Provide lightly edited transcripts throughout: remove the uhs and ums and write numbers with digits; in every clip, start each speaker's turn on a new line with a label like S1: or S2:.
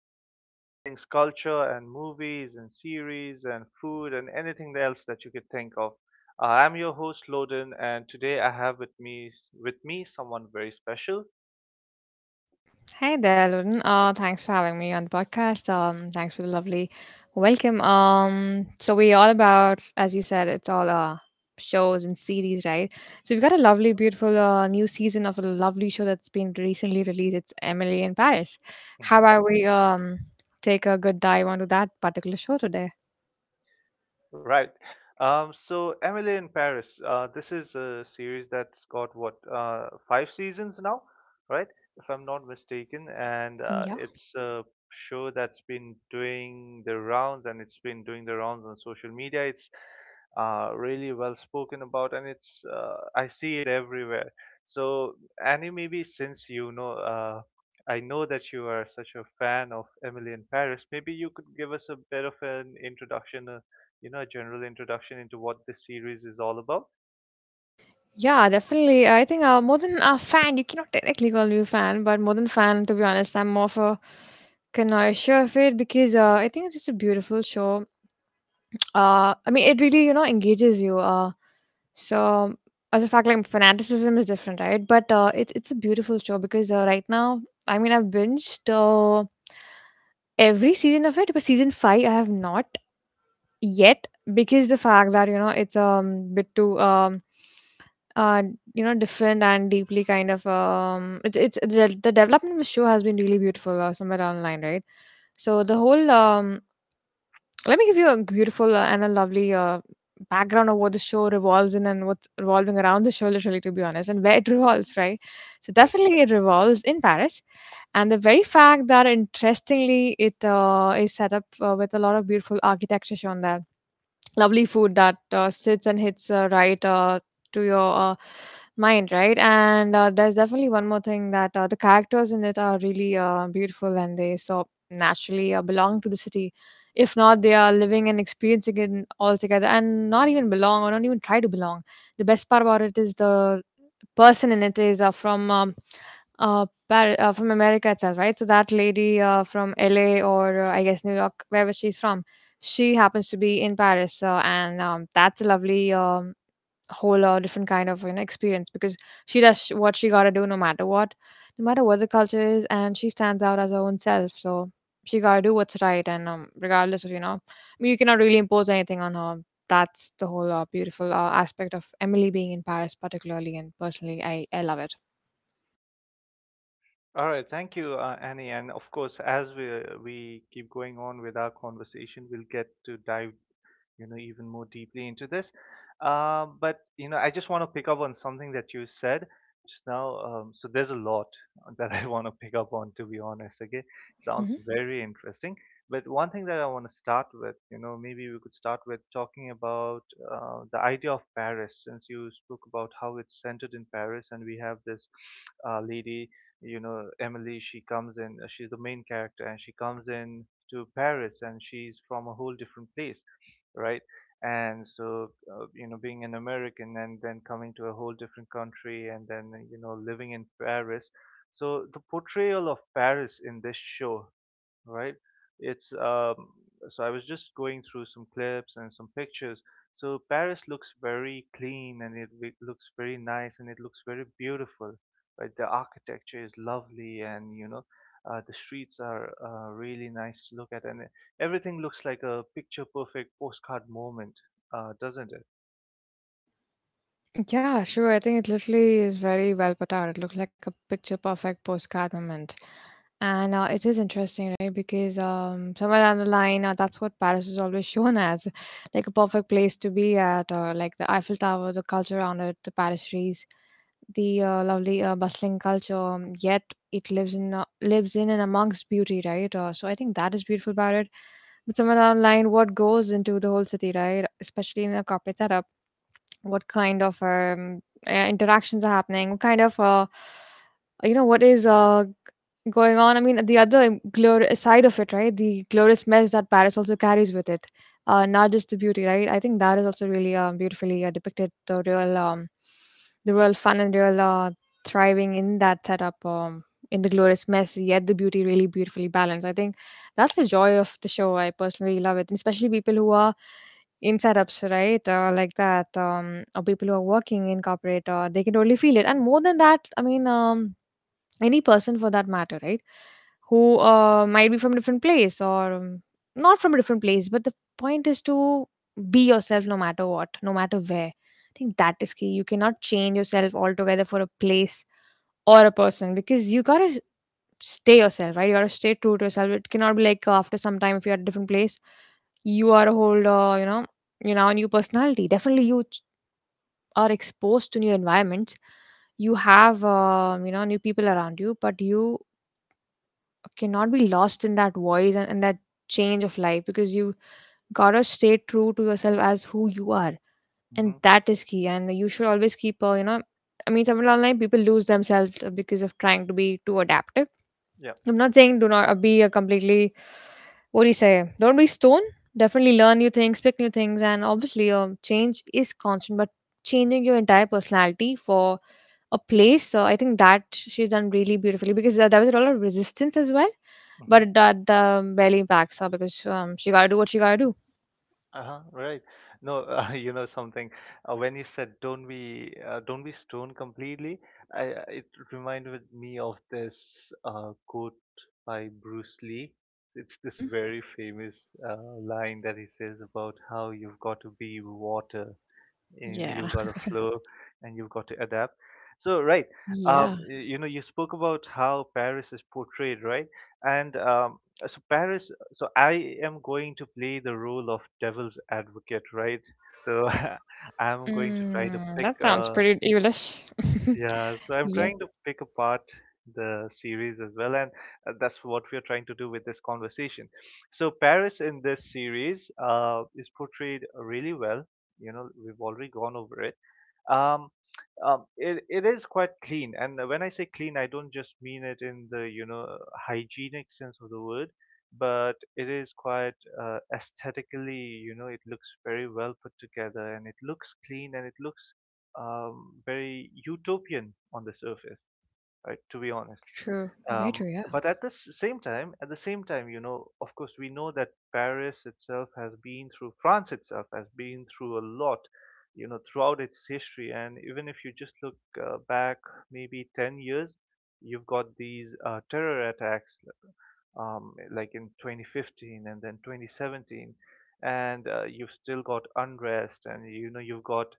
S1: all things culture and movies and series and food and anything else that you could think of. I'm your host Loden, and today I have with me someone very special.
S2: Hi there, Lauren. Thanks for having me on the podcast. Thanks for the lovely welcome. So we all about, as you said, it's all shows and series, right? So we've got a lovely, beautiful new season of a lovely show that's been recently released. It's Emily in Paris. How
S1: Mm-hmm.
S2: about we take a good dive onto that particular show today?
S1: Right. So Emily in Paris, this is a series that's got what five seasons now, right? If I'm not mistaken, and
S2: Yeah.
S1: it's a show that's been doing the rounds, and it's been doing the rounds on social media. It's really well spoken about, and it's I see it everywhere. So Annie, maybe since I know that you are such a fan of Emily in Paris, maybe you could give us a bit of an introduction you know, a general introduction into what this series is all about.
S2: Yeah, definitely. I think more than a fan, you cannot technically call me a fan, but more than fan, to be honest, I'm more of a connoisseur of it because I think it's just a beautiful show. I mean, it really you know engages you. So as a fact, like fanaticism is different, right? But it's a beautiful show because right now, I mean, I've binged every season of it, but season five I have not yet because the fact that you know it's bit too uh you know different and deeply kind of it's the development of the show has been really beautiful, somewhere down the line, right? So the whole let me give you a beautiful and a lovely background of what the show revolves in and what's revolving around the show, literally, to be honest, and where it revolves, right? So
S1: Right.
S2: definitely it revolves in Paris, and the very fact that, interestingly, it is set up with a lot of beautiful architecture shown there, lovely food that sits and hits, right, to your mind, right? And there's definitely one more thing that the characters in it are really beautiful and they so naturally belong to the city. If not, they are living and experiencing it altogether and not even belong or not even try to belong. The best part about it is the person in it is from America itself, right? So that lady, from LA or, I guess New York, wherever she's from, she happens to be in Paris, and that's a lovely, whole different kind of you know experience because what she gotta do, no matter what, no matter what the culture is, and she stands out as her own self. So she gotta do what's right, and regardless of you know I mean, you cannot really impose anything on her. That's the whole beautiful aspect of Emily being in Paris particularly, and personally I love it.
S1: All right, thank you, Annie. And of course, as we keep going on with our conversation, we'll get to dive you know, even more deeply into this. But you know, I just want to pick up on something that you said just now. So there's a lot that I want to pick up on, to be honest. Okay, sounds
S2: Hmm.
S1: very interesting. But one thing that I want to start with, you know, maybe we could start with talking about the idea of Paris, since you spoke about how it's centered in Paris, and we have this lady, you know, Emily, she comes in, she's the main character, and she comes in to Paris and she's from a whole different place, right? And so, you know, being an American and then coming to a whole different country and then, you know, living in Paris. So the portrayal of Paris in this show, right? It's so I was just going through some clips and some pictures. So Paris looks very clean and it looks very nice and it looks very beautiful. Right, the architecture is lovely and you know, the streets are really nice to look at and everything looks like a picture perfect postcard moment, doesn't it?
S2: Yeah, sure. I think it literally is very well put out. It looks like a picture perfect postcard moment. And it is interesting, right? Because somewhere down the line, that's what Paris is always shown as, like a perfect place to be at, like the Eiffel Tower, the culture around it, the lovely bustling culture. Yet it lives in lives in and amongst beauty, right? So I think that is beautiful about it. But somewhere down the line, what goes into the whole city, right? Especially in a corporate setup, what kind of interactions are happening, what kind of, you know, what is going on? I mean, the other side of it, right? The glorious mess that Paris also carries with it, not just the beauty, right? I think that is also really beautifully depicted, the real, the real fun and real thriving in that setup, in the glorious mess yet the beauty really beautifully balanced. I think that's the joy of the show. I personally love it. And especially people who are in setups, right? Like that, or people who are working in corporate, they can totally feel it. And more than that, I mean, any person for that matter, right? Who might be from a different place or not from a different place, but the point is to be yourself, no matter what, no matter where. I think that is key. You cannot change yourself altogether for a place or a person, because you gotta stay yourself, right? You gotta stay true to yourself. It cannot be like, after some time, if you're at a different place, you are a whole, you know, a new personality. Definitely, are exposed to new environments. You have, you know, new people around you, but you cannot be lost in that voice and that change of life, because you gotta stay true to yourself as who you are, and
S1: Mm-hmm.
S2: that is key. And you should always keep, I mean, somewhere online, people lose themselves because of trying to be too adaptive.
S1: Yeah.
S2: I'm not saying do not, be a completely, what do you say? Don't be stone. Definitely learn new things, pick new things, and obviously, change is constant. But changing your entire personality for a place, so I think that she's done really beautifully because there was a lot of resistance as well,
S1: Mm-hmm.
S2: but that barely impacts her because she gotta do what she gotta do.
S1: Uh-huh, right. No, you know something. When you said don't be stoned completely, it reminded me of this quote by Bruce Lee. It's this
S2: Hmm.
S1: very famous line that he says about how you've got to be water, you know,
S2: Yeah,
S1: you've got a flow and you've got to adapt, so right.
S2: yeah.
S1: You know, you spoke about how Paris is portrayed, right? And um so Paris, so I am going to play the role of devil's advocate, right? So I'm going to try to
S2: Mm,
S1: pick
S2: that sounds pretty evilish.
S1: yeah so I'm
S2: Yeah,
S1: trying to pick apart the series as well, and that's what we're trying to do with this conversation. So Paris in this series is portrayed really well, you know, we've already gone over it. Um, um, it, it is quite clean, and when I say clean, I don't just mean it in the, you know, hygienic sense of the word, but it is quite aesthetically, you know, it looks very well put together, and it looks clean, and it looks very utopian on the surface, right, to be honest.
S2: true. Very
S1: um,
S2: true. Yeah,
S1: but at the s- same time at the same time, you know, of course we know that Paris itself has been through, France itself has been through a lot, you know, throughout its history. And even if you just look back maybe 10 years, you've got these terror attacks, like in 2015 and then 2017, and you've still got unrest, and you know you've got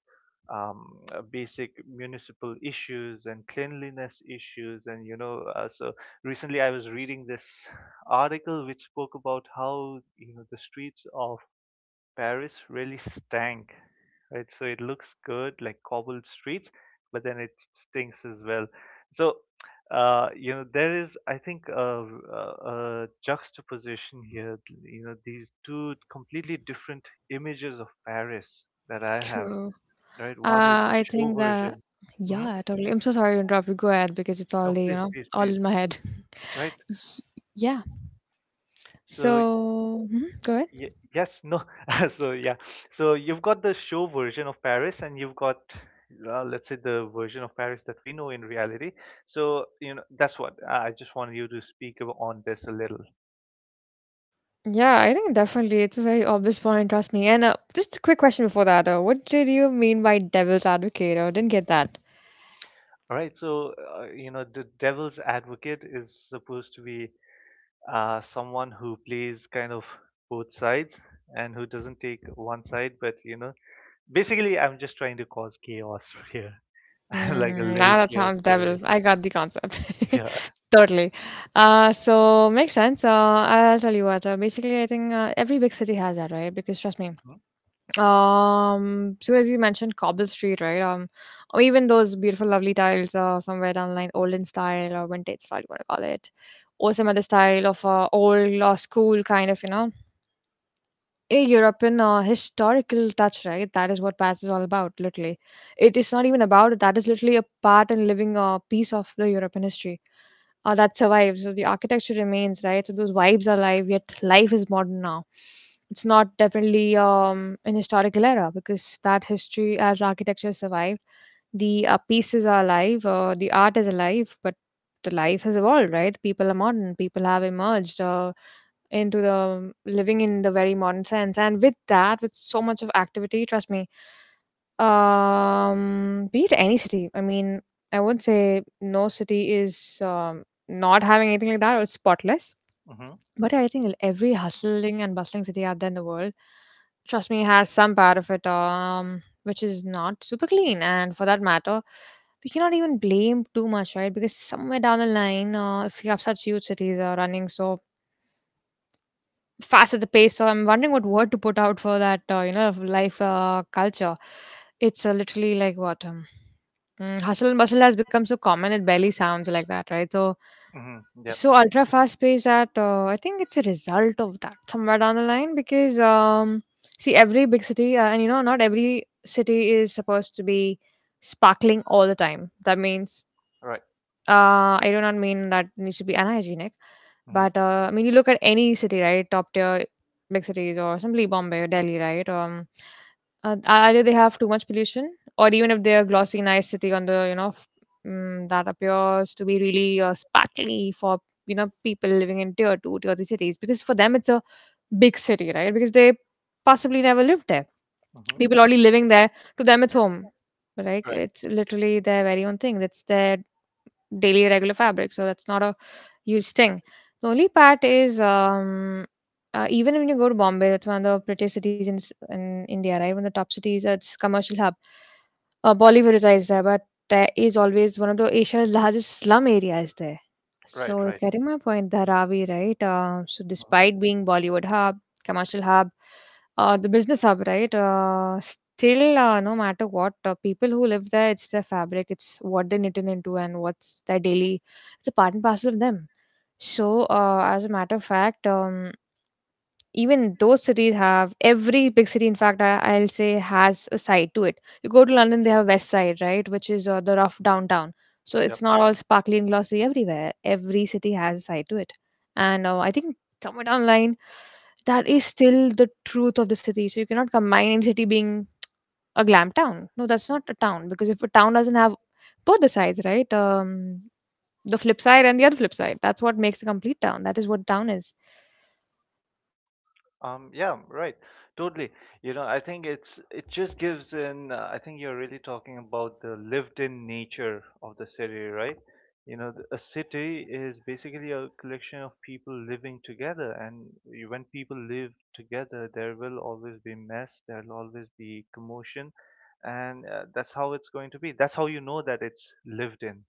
S1: basic municipal issues and cleanliness issues, and you know so recently I was reading this article which spoke about how, you know, the streets of Paris really stank, right? So it looks good, like cobbled streets, but then it stinks as well. So you know there is, I think, a, a juxtaposition here. You know, these two completely different images of Paris that I have,
S2: true.
S1: right? One is the
S2: I
S1: show
S2: think that,
S1: version. Hmm.
S2: yeah, totally. I'm so sorry to interrupt you. Go ahead because it's
S1: No,
S2: already, you
S1: please,
S2: know,
S1: please,
S2: all
S1: please.
S2: in my head.
S1: Right.
S2: Y- Yeah.
S1: So
S2: So, mhm, go ahead.
S1: yes, no. So yeah, so you've got the show version of Paris, and you've got, let's say, the version of Paris that we know in reality. So you know, that's what I just wanted you to speak on this a little.
S2: Yeah, I think definitely it's a very obvious point, trust me. And just a quick question before that. What did you mean by devil's advocate? I didn't get that.
S1: All right. So you know, the devil's advocate is supposed to be someone who plays kind of both sides and who doesn't take one side, but you know, basically, I'm just trying to cause chaos here, like a
S2: Mm,
S1: little
S2: now that
S1: chaos
S2: sounds devil.
S1: theory.
S2: I got the concept.
S1: Yeah.
S2: Totally. So makes sense. I'll tell you what. Basically, I think every big city has that, right? Because trust me,
S1: Mm-hmm.
S2: Soon as you mentioned Cobble Street, right? Or even those beautiful, lovely tiles, somewhere down the line, olden style or vintage style, you want to call it, or some other style of old school kind of, you know, a European historical touch, right? That is what Paris is all about, literally. It is not even about it. That is literally a part and living, piece of the European history. Oh, that survives. So the architecture remains, right? So those vibes are alive, yet life is modern now. It's not definitely an historical era because that history as architecture survived. The pieces are alive, the art is alive, but the life has evolved, right? People are modern, people have emerged into the living in the very modern sense. And with that, with so much of activity, trust me, be it any city. I mean, I would say no city is not having anything like that. Or it's spotless.
S1: Mm-hmm.
S2: But I think every hustling and bustling city out there in the world, trust me, has some part of it, which is not super clean. And for that matter, we cannot even blame too much, right? Because somewhere down the line, if you have such huge cities running so fast at the pace, so I'm wondering what word to put out for that, you know, life, culture. It's literally like what? Mm, hustle and bustle has become so common it barely sounds like that, right? So,
S1: Mm-hmm, yeah.
S2: so ultra fast pace that I think it's a result of that somewhere down the line because see every big city and you know not every city is supposed to be sparkling all the time. That means
S1: Right.
S2: I do not mean that needs to be unhygienic, but
S1: Mhm.
S2: I mean you look at any city, right? Top tier big cities, or simply Bombay or Delhi, right? Either they have too much pollution, or even if they're glossy, nice city on the you know mm, that appears to be really sparkly for you know people living in tier two, tier three cities, because for them it's a big city, right? Because they possibly never lived there.
S1: Mhm.
S2: People already living there, to them it's home. Like
S1: Right.
S2: it's literally their very own thing. That's their daily regular fabric, so that's not a huge thing. The only part is even when you go to Bombay, that's one of the prettiest cities in, in India, right? One of the top cities, it's commercial hub, Bollywood resides there, but there is always one of the Asia's largest slum areas there.
S1: Right.
S2: So
S1: Right.
S2: getting my point, Dharavi, right? So
S1: Mhm.
S2: despite being Bollywood hub, commercial hub, the business hub, right? Still, no matter what, people who live there, it's their fabric, it's what they're knitting into, and what's their daily. It's a part and parcel of them. So, as a matter of fact, even those cities have— every big city, in fact, I'll say, has a side to it. You go to London, they have a west side, right, which is the rough
S1: Mhm.
S2: downtown. So
S1: Yep.
S2: it's not all sparkly and glossy everywhere. Every city has a side to it. And I think somewhere down the line, that is still the truth of the city. So you cannot combine any city being a glam town. No, that's not a town, because if a town doesn't have both the sides, right, the flip side and the other flip side, that's what makes a complete town. That is what town is.
S1: Yeah, right. Totally. You know, I think it's it just gives in I think you're really talking about the lived-in nature of the city, right? You know, the, a city is basically a collection of people living together, and when people live together, there will always be mess, there'll always be commotion, and that's how it's going to be. That's how you know that it's lived in.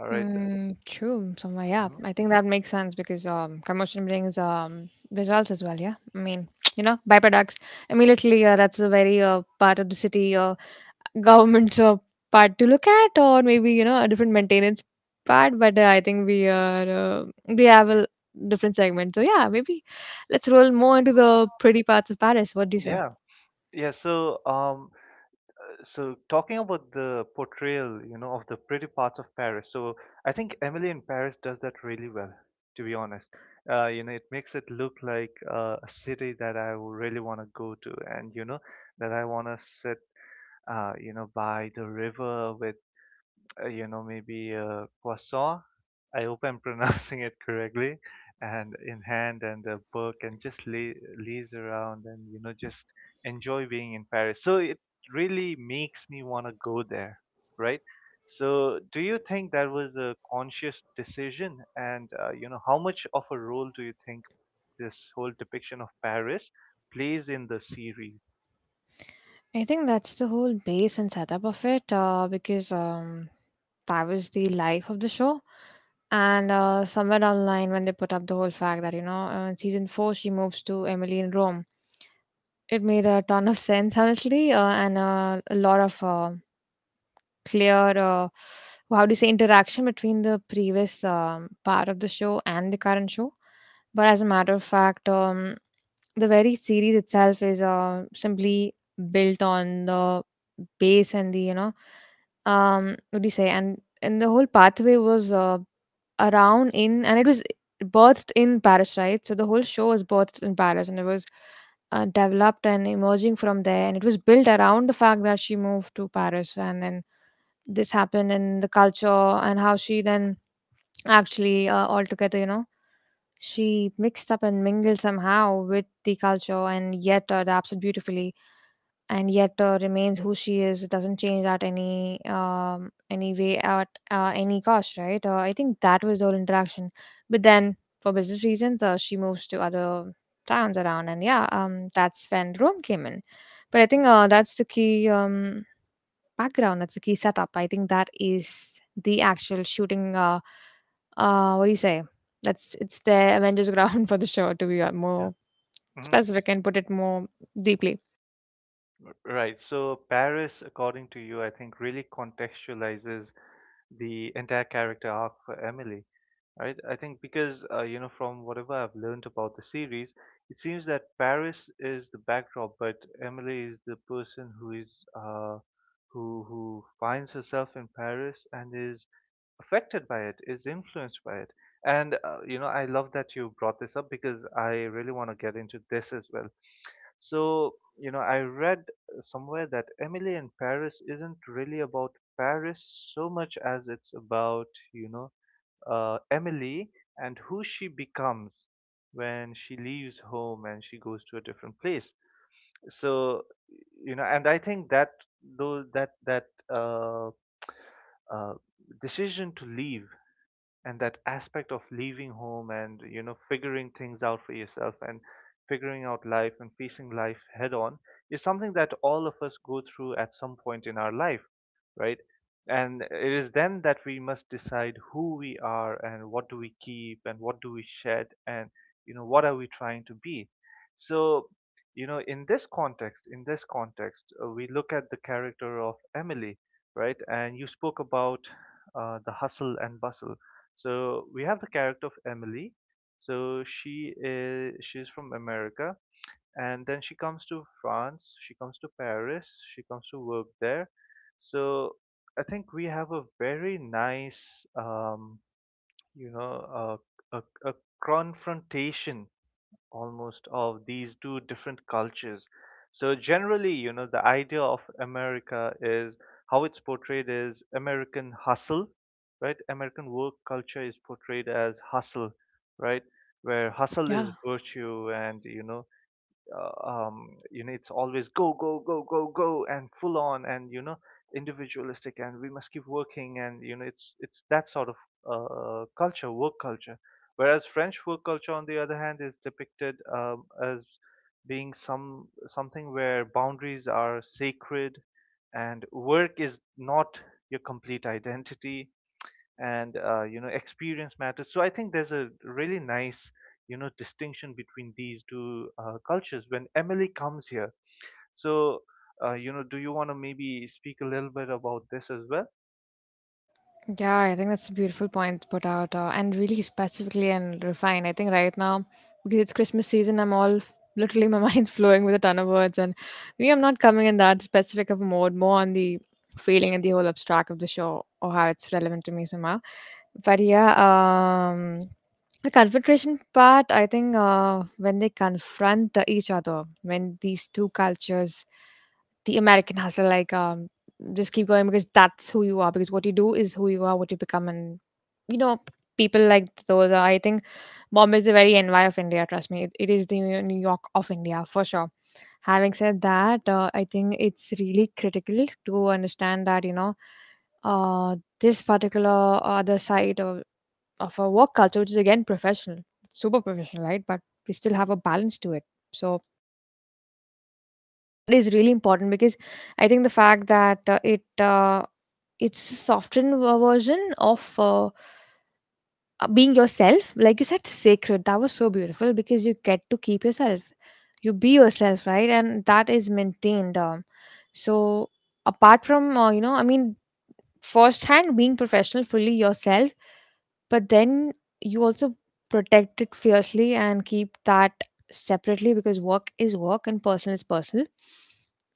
S1: All right.
S2: Mm, true. Somewhere, yeah.
S1: Mhm.
S2: I think that makes sense, because combustion brings results as well. Yeah, I mean, you know, byproducts immediately. That's a very part of the city, government's part to look at, or maybe, you know, a different maintenance part. But I think we are— we have a different segment. So yeah, maybe let's roll more into the pretty parts of Paris. What do you say?
S1: Yeah. Yeah, so so talking about the portrayal, you know, of the pretty parts of Paris. So I think Emily in Paris does that really well, to be honest. You know, it makes it look like a city that I would really want to go to, and you know, that I want to sit, you know, by the river with you know, maybe a croissant. I hope I'm pronouncing it correctly. And in hand and a book and just lay, laze around and, you know, just enjoy being in Paris. So it really makes me want to go there, right? So do you think that was a conscious decision? And, you know, how much of a role do you think this whole depiction of Paris plays in the series?
S2: I think that's the whole base and setup of it, because that was the life of the show. And somewhere down the line, when they put up the whole fact that, you know, in season four, she moves to Emily in Rome, it made a ton of sense, honestly, and a lot of clear, how do you say, interaction between the previous part of the show and the current show. But as a matter of fact, the very series itself is simply built on the base and the, you know, what do you say, and the whole pathway was around in, and it was birthed in Paris. Right, so the whole show was birthed in Paris, and it was developed and emerging from there, and it was built around the fact that she moved to Paris and then this happened in the culture, and how she then actually altogether, you know, she mixed up and mingled somehow with the culture, and yet adapts it beautifully, and yet remains who she is. It doesn't change at any way at any cost, right? I think that was the whole interaction. But then, for business reasons, she moves to other towns around, and yeah, that's when Rome came in. But I think that's the key background. That's the key setup. I think that is the actual shooting. What do you say, that's— it's the Avengers ground for the show to be
S1: Yeah.
S2: more specific and put it more deeply.
S1: Right. So Paris, according to you, I think really contextualizes the entire character arc for Emily, right? I think because you know, from whatever I've learned about the series, it seems that Paris is the backdrop, but Emily is the person who is who finds herself in Paris and is affected by it, is influenced by it. And you know, I love that you brought this up because I really want to get into this as well. So, you know, I read somewhere that Emily in Paris isn't really about Paris so much as it's about, you know, Emily and who she becomes when she leaves home and she goes to a different place. So, you know, and I think that though that that uh, uh, decision to leave, and that aspect of leaving home and, you know, figuring things out for yourself and figuring out life and facing life head on is something that all of us go through at some point in our life, right? And it is then that we must decide who we are and what do we keep and what do we shed and, you know, what are we trying to be. So, you know, in this context, we look at the character of Emily, right? And you spoke about the hustle and bustle. So we have the character of Emily. So she is, she's from America, and then she comes to France. She comes to Paris. She comes to work there. So I think we have a very nice, you know, a confrontation almost of these two different cultures. So generally, you know, the idea of America is, how it's portrayed, is American hustle, right? American work culture is portrayed as hustle, right? Where hustle
S2: Yeah.
S1: is virtue, and you know, you know, it's always go, go, go, go, go, and full on, and you know, individualistic, and we must keep working, and you know, it's that sort of culture, work culture. Whereas French work culture, on the other hand, is depicted as being something where boundaries are sacred, and work is not your complete identity. And you know, experience matters. So I think there's a really nice, you know, distinction between these two cultures when Emily comes here. So you know, do you want to maybe speak a little bit about this as well?
S2: Yeah, I think that's a beautiful point put out, and really specifically and refined. I think right now, because it's Christmas season, I'm all— literally my mind's flowing with a ton of words, and we I'm not coming in that specific of a mode, more on the feeling and the whole abstract of the show or how it's relevant to me somehow. But yeah, um, the confrontation part, I think, when they confront each other, when these two cultures— the American hustle, like, just keep going, because that's who you are. Because what you do is who you are, what you become, and, you know, people like those are. I think Bombay is the very envy of India. Trust me, it is the New York of India for sure. Having said that, I think it's really critical to understand that, you know, this particular other side of a work culture, which is again professional, super professional, right? But we still have a balance to it. So that is really important, because I think the fact that it it's a softened version of being yourself, like you said, sacred— that was so beautiful, because you get to keep yourself. You be yourself, right? And that is maintained. So apart from you know, I mean, firsthand being professional, fully yourself, but then you also protect it fiercely and keep that separately, because work is work and personal is personal.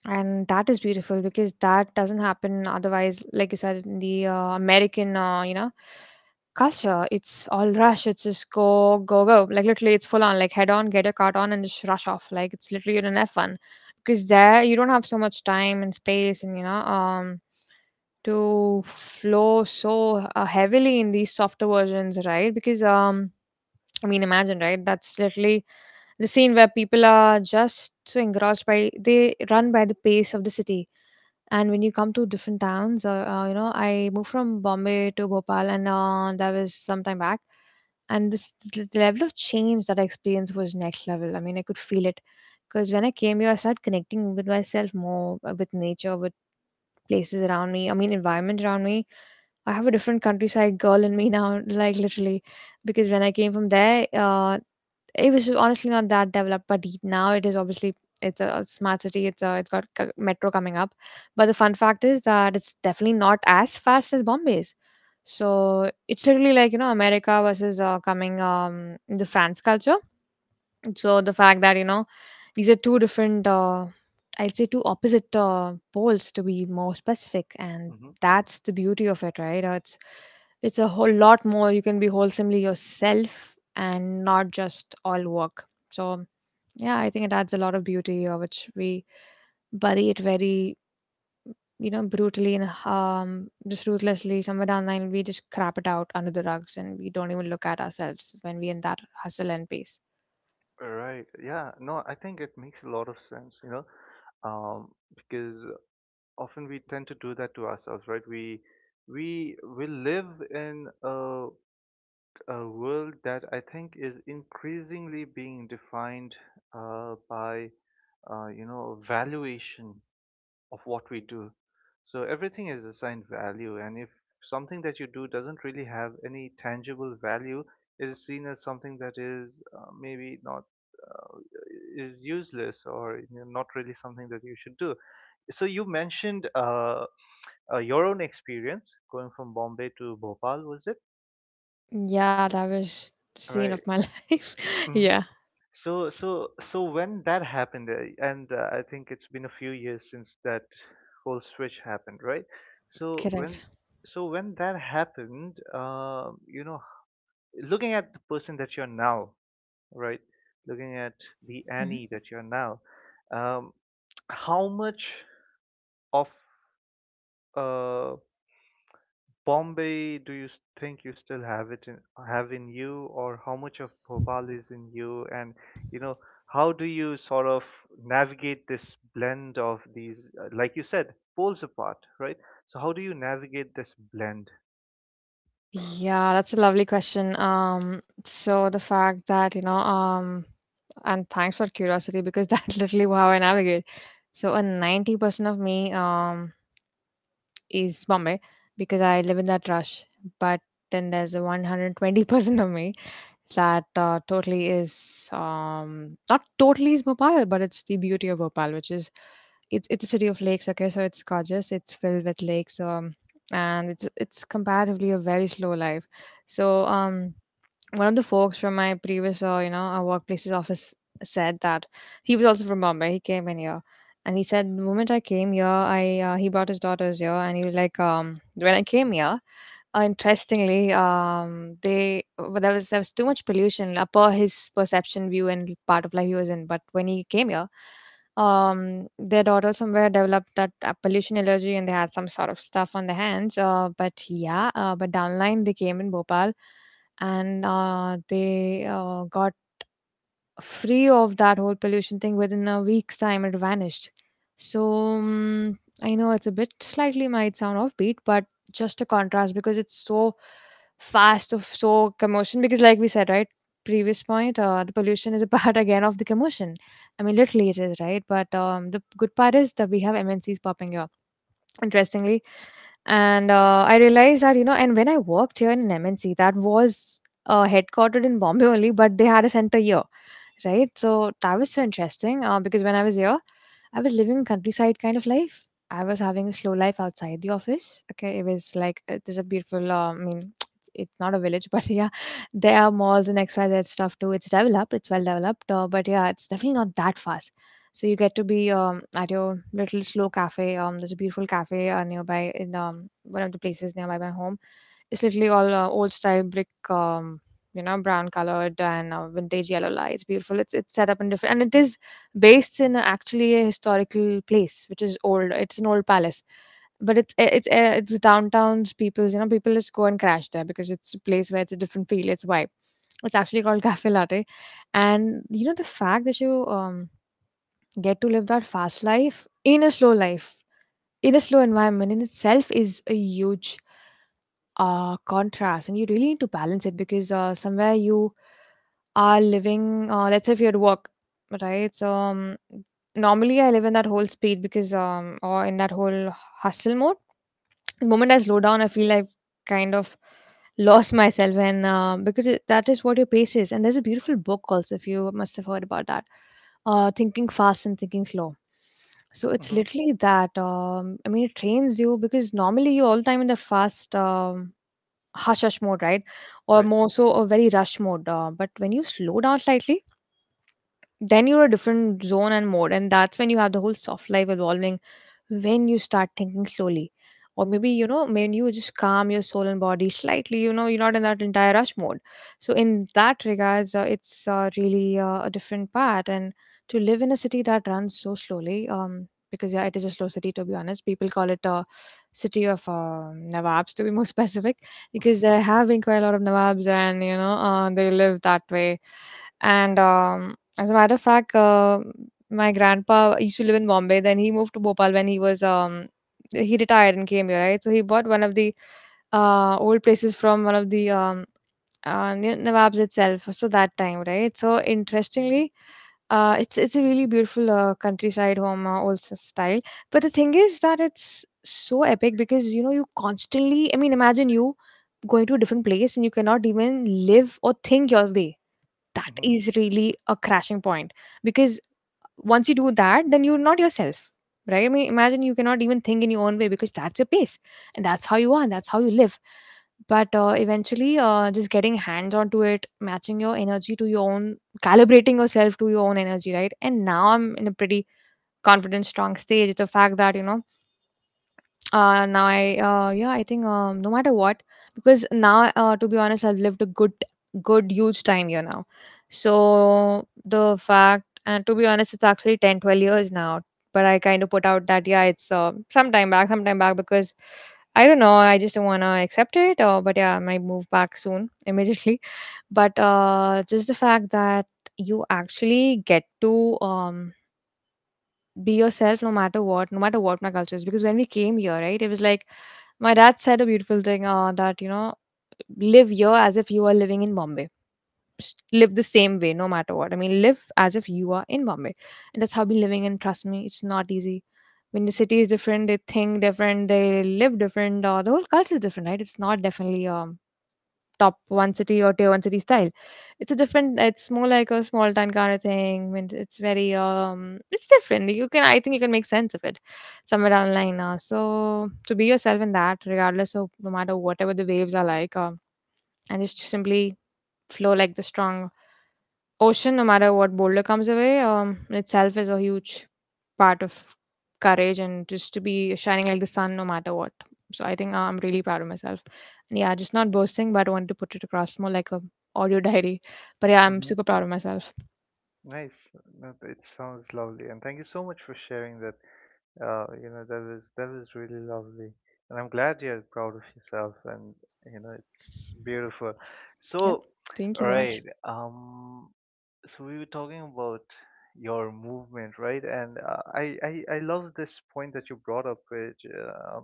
S2: And that is beautiful, because that doesn't happen otherwise, like you said, in the American, you know, culture, it's all rush. It's just go, go, go, like, literally, it's full on like head on get a cart on, and just rush off, like, it's literally— you're in an F1 because there you don't have so much time and space, and, you know, to flow so heavily in these softer versions, right? Because, I mean, imagine, right? That's literally the scene where people are just so engrossed— by, they run by the pace of the city. And when you come to different towns, you know, I moved from Bombay to Bhopal, and that was some time back. And this— the level of change that I experienced was next level. I mean, I could feel it, because when I came here, I started connecting with myself more, with nature, with places around me, I mean, environment around me. I have a different countryside girl in me now, like, literally, because when I came from there, it was honestly not that developed, but now it is, obviously. It's a smart city. It's got metro coming up. But the fun fact is that it's definitely not as fast as Bombay's. So it's literally, like, you know, America versus coming, the France culture. So the fact that, you know, these are two different, I'd say two opposite poles, to be more specific, and
S1: Hmm.
S2: that's the beauty of it, right? It's— it's a whole lot more. You can be wholesomely yourself and not just all work. So yeah, I think it adds a lot of beauty, which we bury it very, you know, brutally, and just ruthlessly. Somewhere down the line, we just crap it out under the rugs, and we don't even look at ourselves when we in that hustle and pace.
S1: Right, yeah. No, I think it makes a lot of sense, you know, um, because often we tend to do that to ourselves, right? We will live in a world that I think is increasingly being defined by you know valuation of what we do. So everything is assigned value, and if something that you do doesn't really have any tangible value, it is seen as something that is maybe not uh, is useless or not really something that you should do. So you mentioned your own experience going from Bombay to Bhopal, was it?
S2: Yeah, that was the scene of
S1: Right.
S2: my life. Yeah,
S1: So when that happened, and I think it's been a few years since that whole switch happened, right? So when,
S2: correct.
S1: so when that happened, you know, looking at the person that you're now, right? Looking at the
S2: Mhm.
S1: Annie that you're now, um, how much of uh. Bombay, do you think you still have it in have in you, or how much of Bhopal is in you? And you know, how do you sort of navigate this blend of these, like you said, poles apart, right? So how do you navigate this blend,
S2: Yeah, that's a lovely question. So the fact that, you know, and thanks for curiosity, because that's literally how I navigate. So a 90% of me is Bombay, because I live in that rush, but then there's a 120% of me that totally is— not totally is Bhopal, but it's the beauty of Bhopal, which is— it's a city of lakes. Okay, so it's gorgeous. It's filled with lakes, and it's— it's comparatively a very slow life. So, one of the folks from my previous you know, workplace's office said that he was also from Bombay. He came in here, and he said, the moment I came here, I he brought his daughters here, and he was like, when I came here. Interestingly, they— well, there was— too much pollution, per his perception view and part of life he was in. But when he came here, their daughter somewhere developed that pollution allergy, and they had some sort of stuff on their hands. But yeah, but down the line they came in Bhopal, and they got free of that whole pollution thing. Within a week's time, it vanished. So, mm, I know it's a bit— slightly might sound offbeat, but just a contrast, because it's so fast, of so commotion, because, like we said, right, previous point, the pollution is a part again of the commotion. I mean, literally it is, right? But the good part is that we have MNCs popping up, interestingly. And I realized that, you know, and when I worked here in an MNC that was headquartered in Bombay only, but they had a center here, right, so that was so interesting. Uh, because when I was here, I was living countryside kind of life. I was having a slow life outside the office. Okay, it was like, this is a beautiful, I mean, it's not a village but yeah, there are malls and XYZ stuff too. It's developed. It's well developed. Uh, but yeah, it's definitely not that fast. So you get to be, at your little slow cafe. There's a beautiful cafe nearby in, one of the places nearby my home. It's literally all, old style brick, you know, brown colored and, vintage yellow light. It's beautiful. It's set up in different, and it is based in actually a historical place, which is old. It's an old palace, but it's eh, it's downtown's people's people just go and crash there because it's a place where it's a different feel, it's vibe. It's actually called Cafe Latte. And the fact that you get to live that fast life in a slow life, in a slow environment, in itself is a huge contrast, and you really need to balance it, because somewhere you are living, let's say, if you're at work, right? So normally I live in that whole speed because, or in that whole hustle mode, the moment I slow down, I feel I've kind of lost myself, and because that is what your pace is. And there's a beautiful book also, if you must have heard about that, Thinking Fast and Thinking Slow. So it's
S1: hmm,
S2: literally that. I mean, it trains you because normally you all the time in the fast, hush hush mode, right? Or
S1: right?
S2: more so a very rush mode. But when you slow down slightly, then you're a different zone and mode, and that's when you have the whole soft life evolving, when you start thinking slowly, or maybe when you just calm your soul and body slightly, you're not in that entire rush mode. So in that regards, it's really a different part, and to live in a city that runs so slowly, because yeah, it is a slow city, to be honest. People call it a city of nawabs, to be more specific, because there have been quite a lot of nawabs, and they live that way. And as a matter of fact, my grandpa used to live in Bombay. Then he moved to Bhopal when he was, he retired and came here, right? So he bought one of the old places from one of the, near Nawabs itself. So that time, right? So, interestingly, it's a really beautiful countryside home, old style. But the thing is that it's so epic because you constantly. I mean, imagine you going to a different place and you cannot even live or think your way. That
S1: Hmm.
S2: is really a crashing point, because once you do that, then you're not yourself, right? I mean, imagine you cannot even think in your own way, because that's your pace, and that's how you are, and that's how you live. But eventually, just getting hands onto it, matching your energy to your own, calibrating yourself to your own energy, right? And now I'm in a pretty confident, strong stage. It's a fact that, now I, yeah, I think, no matter what, because now, to be honest, I've lived a good, good, huge time here now. So the fact, and to be honest, it's actually 10, 12 years now, but I kind of put out that, yeah, it's some time back, because I don't know, I just don't want to accept it, or but yeah, I might move back soon immediately. But just the fact that you actually get to be yourself, no matter what, no matter what my culture is, because when we came here, right, it was like my dad said a beautiful thing, that live here as if you are living in Bombay. Just live the same way, no matter what. I mean, live as if you are in Bombay. And that's how we living, and trust me, it's not easy when the city is different, they think different, they live different, or the whole culture is different, right? It's not definitely top one city or tier one city style. It's a different. It's more like a small town kind of thing. And it's very, it's different. You can I think you can make sense of it somewhere down the line. So to be yourself in that, regardless of, no matter whatever the waves are like, and just simply flow like the strong ocean, no matter what boulder comes away, itself is a huge part of courage, and just to be shining like the sun, no matter what. So I think, I'm really proud of myself. And yeah, just not boasting, but I wanted to put it across more like a audio diary. But yeah, I'm
S1: Hmm.
S2: super proud of myself.
S1: Nice. No, it sounds lovely, and thank you so much for sharing that. You know, that was really lovely, and I'm glad you're proud of yourself, and you know, it's beautiful.
S2: Yep.
S1: So,
S2: Thank you so much.
S1: right, so we were talking about your movement, right? And I love this point that you brought up, which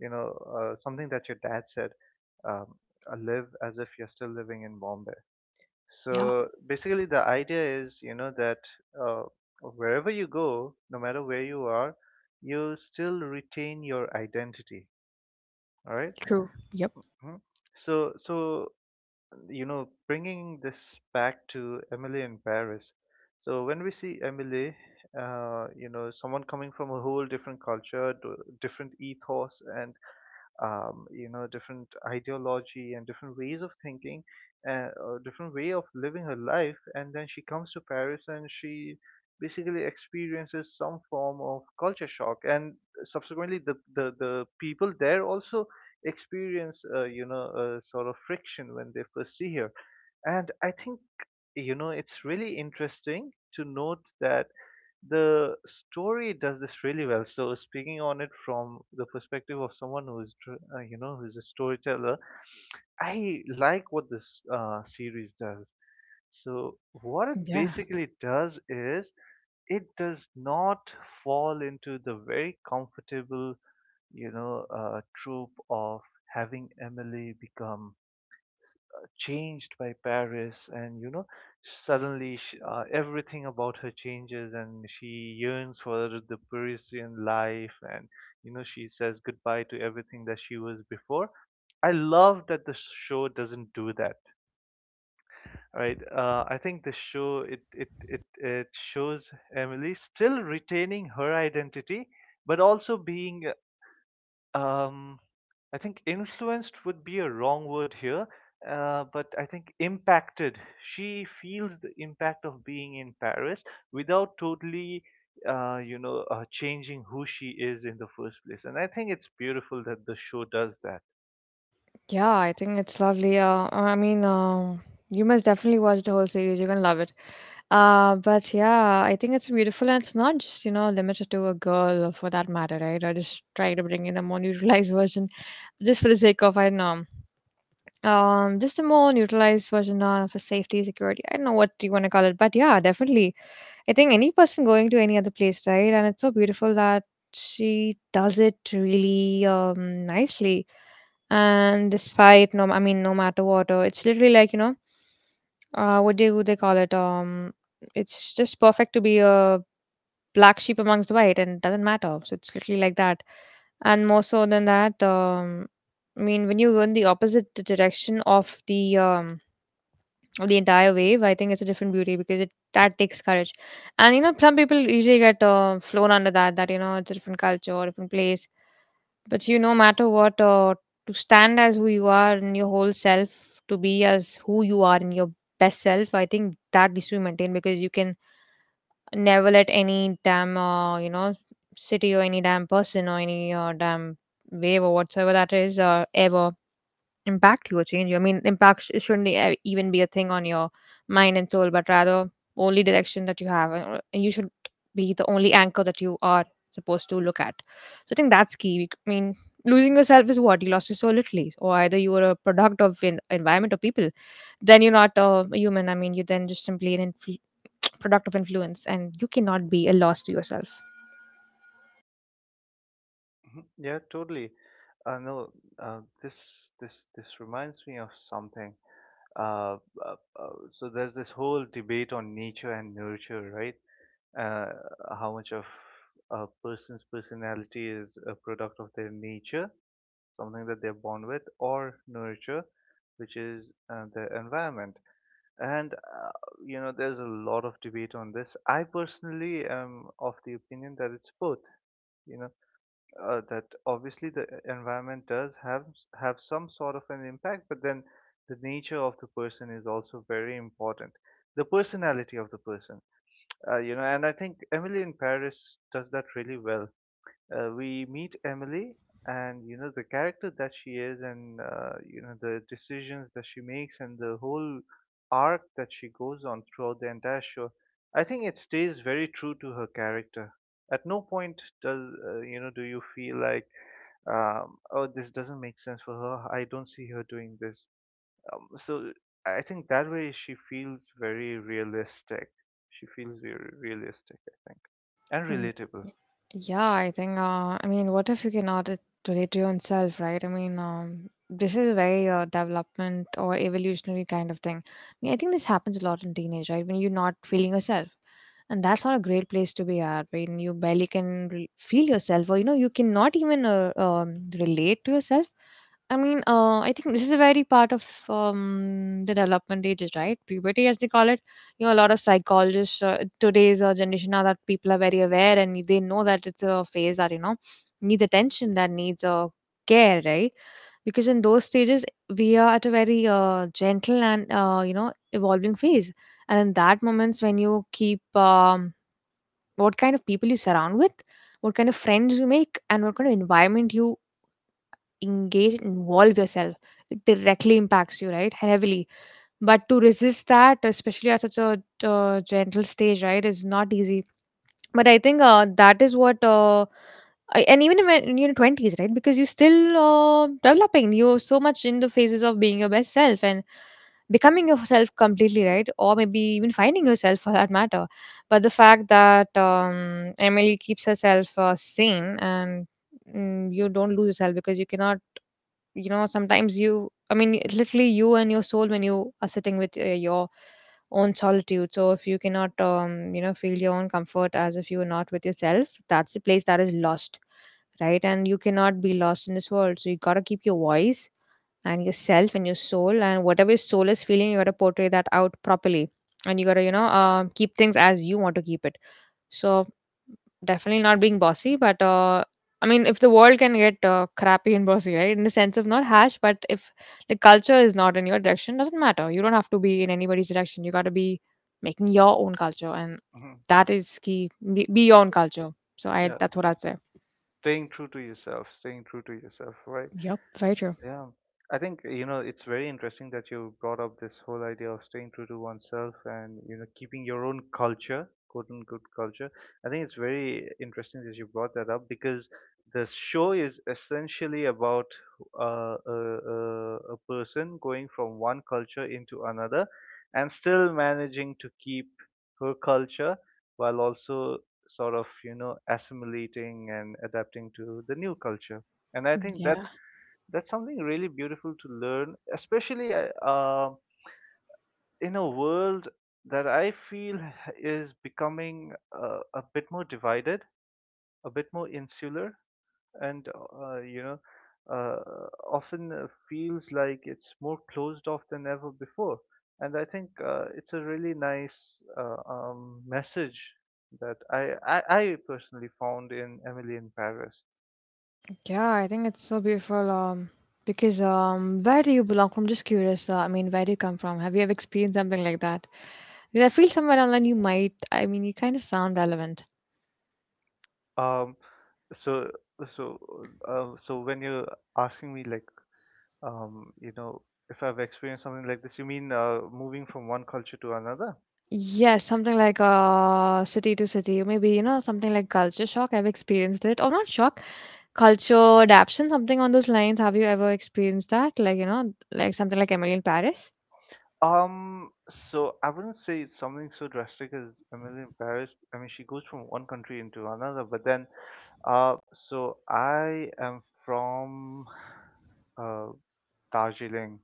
S1: you know, something that your dad said, um, live as if you're still living in Bombay.
S2: Yeah.
S1: So basically, the idea is, you know, that uh, wherever you go, no matter where you are, you still retain your identity. All right?
S2: True. Yep.
S1: Mhm. So you know, bringing this back to Emily in Paris. So when we see Emily, you know, someone coming from a whole different culture, different ethos, and you know, different ideology and different ways of thinking, and different way of living her life. And then she comes to Paris and she basically experiences some form of culture shock. And subsequently, the people there also experience, you know, a sort of friction when they first see her. And I think you know it's really interesting to note that the story does this really well. So speaking on it from the perspective of someone who is, you know, who's a storyteller, I like what this series does. So what it
S2: Yeah.
S1: basically does is it does not fall into the very comfortable, you know, trope of having Emily become changed by Paris, and you know, suddenly sh everything about her changes, and she yearns for the Parisian life, and you know, she says goodbye to everything that she was before. I love that the show doesn't do that, right? I think the show it shows Emily still retaining her identity, but also being um, I think influenced would be a wrong word here, but I think impacted. She feels the impact of being in Paris without totally, you know, changing who she is in the first place. And I think it's beautiful that the show does that.
S2: Yeah, I think it's lovely. I mean, you must definitely watch the whole series. You're gonna love it. But yeah, I think it's beautiful, and it's not just limited to a girl, or for that matter, right? I just try to bring in a more neutralized version, just for the sake of, I don't know, just a more neutralized version, for safety, security. I don't know what you want to call it, but yeah, definitely. I think any person going to any other place, right? And it's so beautiful that she does it really, nicely. And despite, no, I mean, no matter what, or it's literally like, you know, what do they call it? It's just perfect to be a black sheep amongst the white, and it doesn't matter. So it's literally like that. And more so than that, I mean, when you go in the opposite direction of the entire wave, I think it's a different beauty, because it that takes courage. And you know, some people usually get flown under that, you know, it's a different culture, different place, but you, know, no matter what, to stand as who you are in your whole self, to be as who you are in your best self, I think that needs to be maintained, because you can never let any damn, you know, city, or any damn person, or any damn wave or whatsoever that is, ever impact you or change you. I mean, impact shouldn't even be a thing on your mind and soul, but rather only direction that you have, and you should be the only anchor that you are supposed to look at. So I think that's key. I mean, losing yourself is what you lost your soul literally, or either you were a product of an environment or people. Then you're not a human. I mean, you're then just simply an product of influence, and you cannot be a loss to yourself.
S1: Mhm. Yeah, totally. No, this this reminds me of something. Uh, so there's this whole debate on nature and nurture, right? Uh, how much of a person's personality is a product of their nature, something that they're born with, or nurture, which is their environment. And you know, there's a lot of debate on this. I personally am of the opinion that it's both. You know, that obviously the environment does have some sort of an impact, but then the nature of the person is also very important. The personality of the person, you know, and I think Emily in Paris does that really well. We meet Emily and you know the character that she is and you know the decisions that she makes and the whole arc that she goes on throughout the entire show. I think it stays very true to her character. At no point does you know do you feel like oh, this doesn't make sense for her, I don't see her doing this. So I think that way she feels very realistic, she feels very realistic I think, and
S2: Mm,
S1: relatable.
S2: y- yeah, I think, I mean, what if you cannot relate to yourself, right? I mean, this is a very development or evolutionary kind of thing. I mean, I think this happens a lot in teenage, right? When you're not feeling yourself. And that's not a great place to be at when you barely can feel yourself, or, you know, you cannot even relate to yourself. I mean, I think this is a very part of the development ages, right? Puberty, as they call it, you know, a lot of psychologists, today's generation now, that people are very aware and they know that it's a phase that, you know, needs attention, that needs care, right? Because in those stages, we are at a very gentle and, you know, evolving phase, and in that moments when you keep, what kind of people you surround with, what kind of friends you make, and what kind of environment you engage and involve yourself, it directly impacts you, right, heavily. But to resist that, especially at such a gentle stage, right, is not easy. But I think, that is what, and even when you're 20s, right, because you're still developing, you're so much in the phases of being your best self and becoming yourself completely, right, or maybe even finding yourself, for that matter. But the fact that Emily keeps herself sane and you don't lose yourself because you cannot, you know, sometimes you I mean literally you and your soul when you are sitting with your own solitude. So if you cannot you know feel your own comfort, as if you are not with yourself, that's the place that is lost. Right, and you cannot be lost in this world, so you got to keep your voice and yourself and your soul, and whatever your soul is feeling you got to portray that out properly. And you got to keep things as you want to keep it. So definitely not being bossy, but I mean, if the world can get crappy and bossy, right? In the sense of not harsh, but if the culture is not in your direction, doesn't matter. You don't have to be in anybody's direction. You got to be making your own culture, and
S1: Mhm.
S2: that is key. Be your own culture.
S1: Yeah,
S2: That's what I'd say.
S1: staying true to yourself, staying true to yourself, right?
S2: Yep, very true.
S1: Yeah, I think you know it's very interesting that you brought up this whole idea of staying true to oneself and you know keeping your own culture, quote unquote culture. I think it's very interesting that you brought that up because the show is essentially about uh, a, a person going from one culture into another and still managing to keep her culture while also sort of you know assimilating and adapting to the new culture. And I think
S2: Yeah,
S1: that's something really beautiful to learn, especially in a world that I feel is becoming a bit more divided, a bit more insular, and you know, uh, often feels like it's more closed off than ever before. And I think it's a really nice message that I personally found in Emily in Paris.
S2: yeah, I think it's so beautiful. Because where do you belong from? Just curious. I mean, where do you come from? Have you ever experienced something like that? Did I feel somewhere online you might, I mean, you kind of sound relevant.
S1: Um so so uh, so when you're asking me like you know, if I've experienced something like this, you mean moving from one culture to another?
S2: Yes, something like city to city, maybe, you know, something like culture shock. I've experienced it, or not shock, culture adaptation, something on those lines. Have you ever experienced that? Like, you know, like something like Emily in Paris?
S1: So I wouldn't say it's something so drastic as Emily in Paris. I mean, she goes from one country into another, but then, so I am from uh, Darjeeling.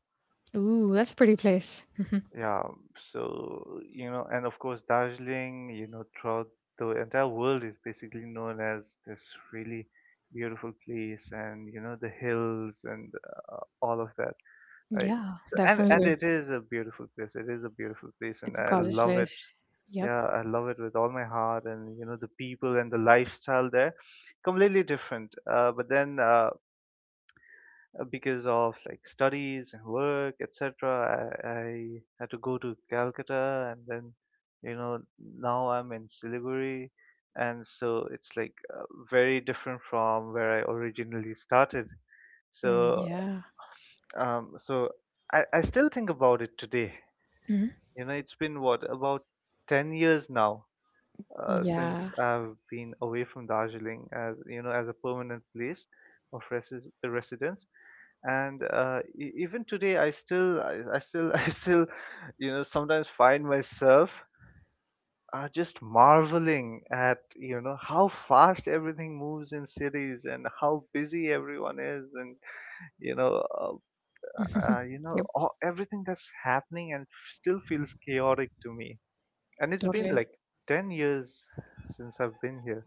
S2: Ooh, that's a pretty place. Mhm.
S1: Yeah, so you know, and of course, Darjeeling, you know, throughout the entire world is basically known as this really beautiful place, and you know, the hills and all of that, right?
S2: Yeah,
S1: So and
S2: definitely.
S1: it is a beautiful place. It is a beautiful place, and
S2: It's a
S1: I
S2: gorgeous
S1: love it.
S2: place. Yep.
S1: Yeah, I love it with all my heart, and you know the people and the lifestyle there, completely different. But then because of like studies and work, etc., I had to go to Calcutta, and then you know now I'm in Siliguri, and so it's like very different from where I originally started.
S2: Mm,
S1: So,
S2: yeah.
S1: Um, so I still think about it today.
S2: Hmm.
S1: You know, it's been what, about 10 years now since
S2: Yeah.
S1: I've been away from Darjeeling as, you know, as a permanent place of residence. And even today, I still, you know, sometimes find myself just marveling at, you know, how fast everything moves in cities and how busy everyone is and you know uh, you know
S2: Yep.
S1: everything that's happening and still feels chaotic to me, and it's been
S2: Totally.
S1: like 10 years since I've been here.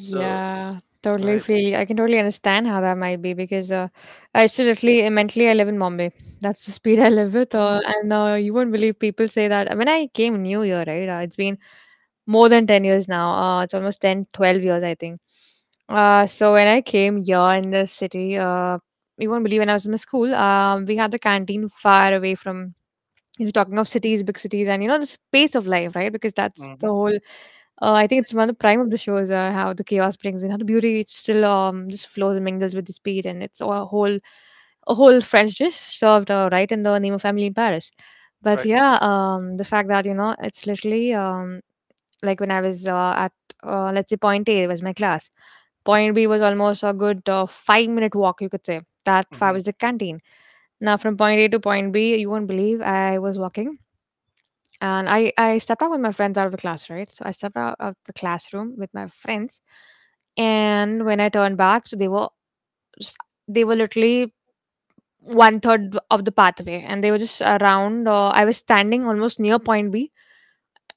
S1: So
S2: totally
S1: right.
S2: feel. I can totally understand how that might be, because I still literally mentally I live in Bombay. That's the speed I live with,
S1: Mm.
S2: and you won't believe people say that. When I came New Year, right? It's been more than 10 years now. It's almost 10, 12 years, I think. So when I came here in the city, you won't believe, when I was in my school, we had the canteen far away from, you're talking of cities, big cities, and you know, the pace of life, right? Because that's the
S1: Mm-hmm.
S2: whole I think it's one of the prime of the show is how the chaos brings in, how the beauty it still just flows and mingles with the speed. And it's a whole French dish served right in the name of Family in Paris. But
S1: Right.
S2: yeah, the fact that you know it's literally like when I was at let's say point A was my class, point B was almost a good 5 minute walk, you could say. That far
S1: Mm-hmm.
S2: was the canteen. Now from point A to point B, you won't believe, I was walking and I stepped out with my friends out of the class, right? So I stepped out of the classroom with my friends. And when I turned back, so s- they were literally one third of the pathway, and they were just around. I was standing almost near point B,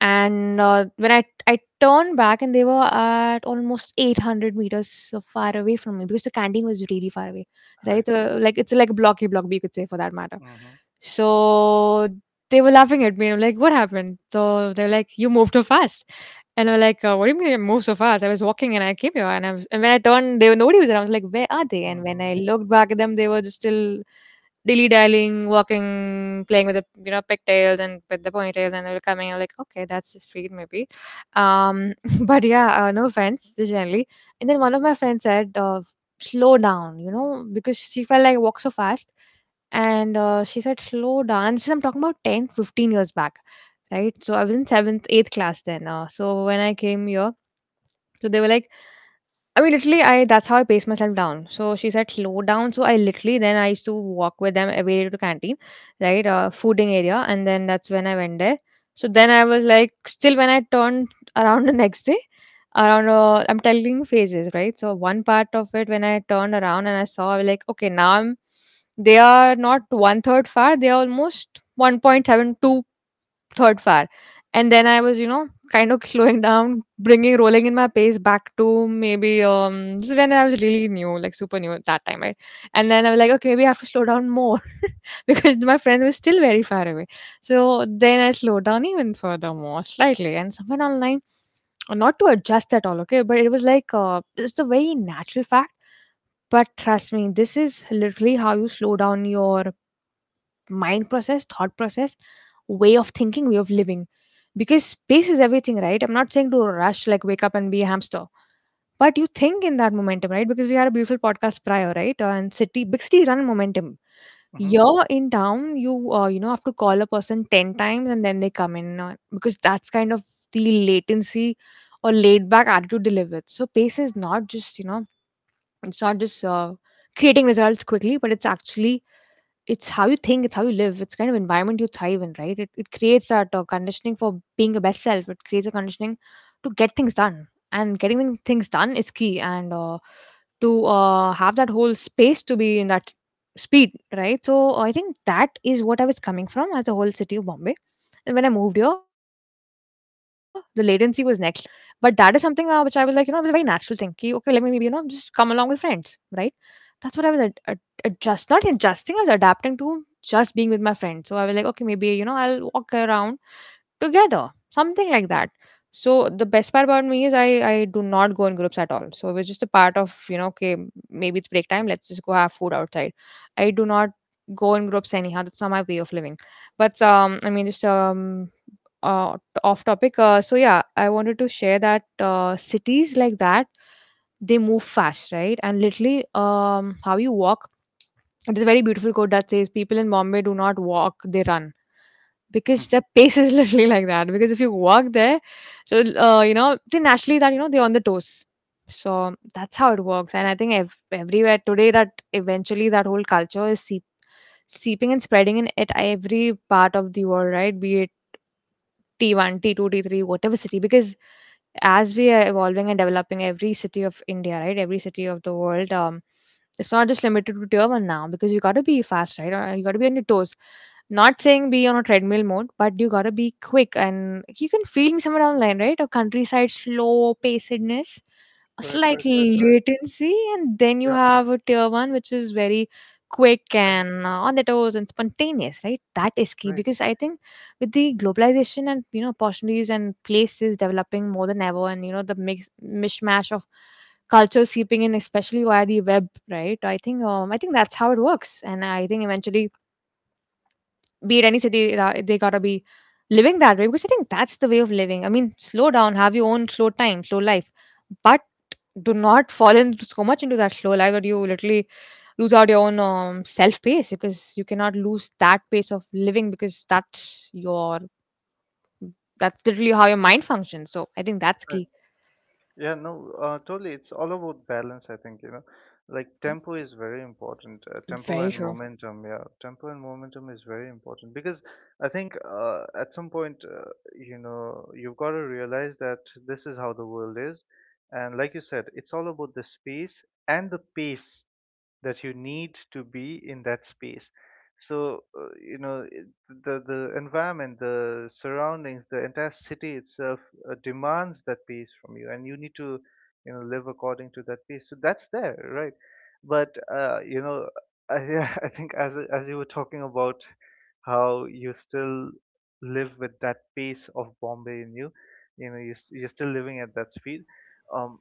S2: and when I turned back and they were at almost 800 meters so far away from me, because the canteen was really far away, right?
S1: Right.
S2: So like it's like a blocky block B you could say for that matter.
S1: Mm-hmm.
S2: So they were laughing at me. I'm like, what happened? So they're like, you moved too fast. And I'm like, what do you mean I moved so fast? I was walking and I came here. And, I was, and when I turned, there were nobody was around. I was like, where are they? And when
S1: Mm-hmm.
S2: I looked back at them, they were just still dilly-dallying, walking, playing with the, you know, pigtails and with the ponytails, and they were coming. I'm like, okay, that's just weird, maybe. Um, but yeah, no offense, just generally. And then one of my friends said, slow down, you know, because she felt like I walk so fast. And she said, slow down. And this is, I'm talking about 10, 15 years back, right? So I was in seventh, eighth class then. So when I came here, so they were like, I mean, literally, I that's how I pace myself down. So she said slow down. So I literally then I used to walk with them every day to canteen, right, fooding area, and then that's when I went there. So then I was like, still when I turned around the next day, around I'm telling you phases, right? So one part of it when I turned around and I saw, I was like, okay, now I'm. They are not one third far. They are almost 1.72 third fire, and then I was, you know, kind of slowing down, bringing rolling in my pace back to maybe, this is when I was really new, like super new, at that time, right? And then I was like, okay, maybe I have to slow down more, because my friend was still very far away. So then I slowed down even further, more slightly, and somewhere online, not to adjust at all, okay, but it was like, it's a very natural fact. But trust me, this is literally how you slow down your mind process, thought process, way of thinking, way of living. Because space is everything, right? I'm not saying to rush, like wake up and be a hamster. But you think in that momentum, right? Because we had a beautiful podcast prior, right? And city, big cities run on momentum.
S1: Hmm.
S2: You're in town, you you know have to call a person 10 times and then they come in because that's kind of the latency or laid back attitude they live with. So pace is not just, you know, it's not just creating results quickly, but it's actually it's how you think, it's how you live, it's kind of environment you thrive in, right? It creates that conditioning for being your best self. It creates a conditioning to get things done, and getting things done is key. And to have that whole space to be in that speed, right? So I think that is what I was coming from as a whole city of Bombay. And when I moved here, the latency was next, but that is something, which I was like, you know, it was a very natural thing. Ki, okay, let me maybe, you know, just come along with friends, right? That's what I was adjust, not adjusting, I was adapting to just being with my friends. So I was like, okay, maybe, you know, I'll walk around together, something like that. So the best part about me is I do not go in groups at all, so it was just a part of, you know, okay, maybe it's break time, let's just go have food outside. I do not go in groups anyhow, that's not my way of living. But off topic, so yeah, I wanted to share that cities like that, they move fast, right? And literally, how you walk, there's a very beautiful quote that says people in Bombay do not walk, they run, because the pace is literally like that. Because if you walk there, so you know, they naturally that you know they're on the toes. So that's how it works. And I think everywhere today that eventually that whole culture is seeping and spreading in at every part of the world, right? Be it T1, T2, T3, whatever city, because as we are evolving and developing every city of India, right? Every city of the world, it's not just limited to Tier 1 now, because you gotta be fast, right? Or you gotta be on your toes. Not saying be on a treadmill mode, but you gotta be quick, and you can feel somewhere down the line, right? A countryside slow pacedness, a
S1: Right, right,
S2: slight
S1: right, right.
S2: latency, and then you
S1: Yeah,
S2: have a Tier 1 which is very quick
S1: yeah.
S2: and on the toes and spontaneous, right? That is
S1: Right,
S2: key.
S1: right.
S2: Because I think with the globalization and you know opportunities and places developing more than ever and you know the mix mishmash of cultures seeping in especially via the web, right, I think I think that's how it works, and I think eventually be it any city, they gotta be living that way, because I think that's the way of living. I mean, slow down, have your own slow time, slow life. But do not fall in so much into that slow life that you literally lose out your own self pace, because you cannot lose that pace of living, because that's your, that's literally how your mind functions. So I think that's key.
S1: Yeah, no, totally. It's all about balance, I think, you know. Like tempo is very important. Tempo
S2: Very
S1: and
S2: true.
S1: momentum, yeah. Tempo and momentum is very important because I think at some point, you know, you've got to realize that this is how the world is. And like you said, it's all about the space and the pace that you need to be in that space. So, you know, the environment, the surroundings, the entire city itself demands that pace from you, and you need to, you know, live according to that pace. So that's there, right? But you know, I I think as you were talking about how you still live with that pace of Bombay in you, you know, you're still living at that speed. Um,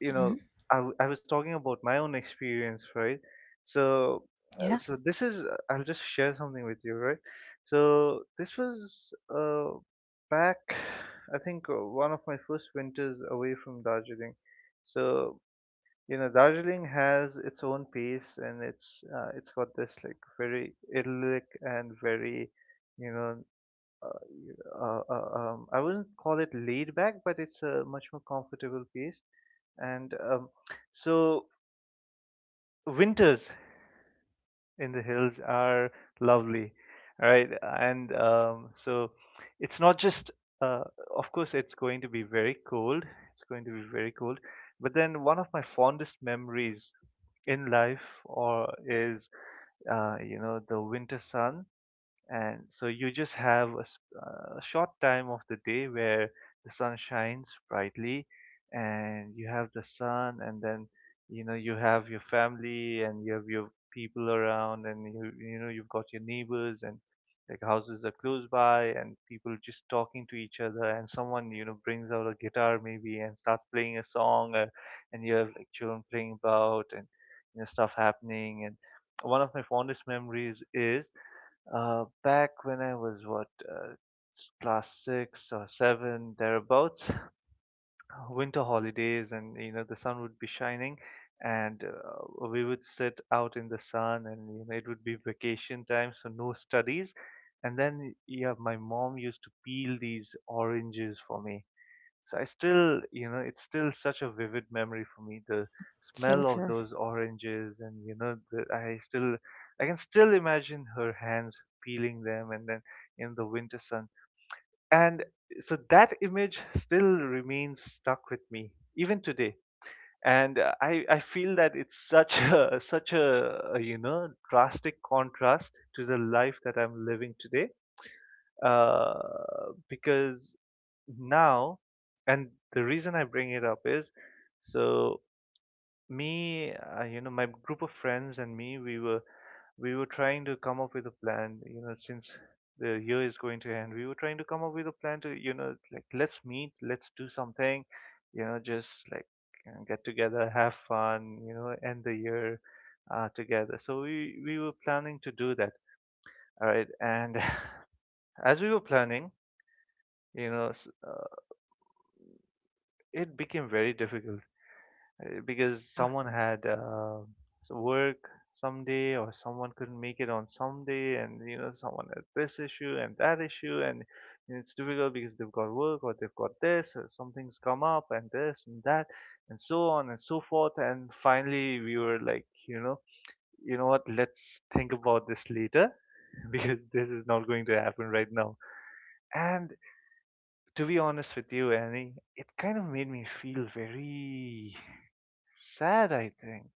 S1: you know
S2: Hmm.
S1: I was talking about my own experience, right? So
S2: Yeah.
S1: so this is I'll just share something with you, right? So this was back I think one of my first winters away from Darjeeling. So you know Darjeeling has its own pace and it's got this like very idyllic and very you know I wouldn't call it laid back, but it's a much more comfortable pace. And so winters in the hills are lovely, right? And so it's not just, uh, of course, it's going to be very cold. It's going to be very cold. But then one of my fondest memories in life or is, the winter sun. And so you just have a, a short time of the day where the sun shines brightly, and you have the sun. And then you have your family and you have your people around, and you've got your neighbors, and like houses are close by and people just talking to each other, and someone brings out a guitar maybe and starts playing a song. And you have like children playing about, and stuff happening. And one of my fondest memories is, back when I was what, class six or seven thereabouts, winter holidays. And the sun would be shining, and we would sit out in the sun, and it would be vacation time, so no studies. And then yeah, my mom used to peel these oranges for me. So I still, it's still such a vivid memory for me. The
S2: So
S1: smell of
S2: true.
S1: those oranges, and the, I still, I can still imagine her hands peeling them, and then in the winter sun. And so that image still remains stuck with me even today. And I feel that it's such a a drastic contrast to the life that I'm living today, uh, because now. And the reason I bring it up is, so me my group of friends and me, we were trying to come up with a plan, since the year is going to end. We were trying to come up with a plan to, like, let's meet, let's do something, just like, get together, have fun, end the year together. So we were planning to do that, all right. And as we were planning, you know s- uh, it became very difficult, because
S2: Yeah.
S1: someone had work someday, or someone couldn't make it on someday, and someone had this issue and that issue, and it's difficult because they've got work, or they've got this, or something's come up, and this and that, and so on and so forth. And finally we were like, you know what, let's think about this later, because this is not going to happen right now. And to be honest with you, Annie, it kind of made me feel very sad. I think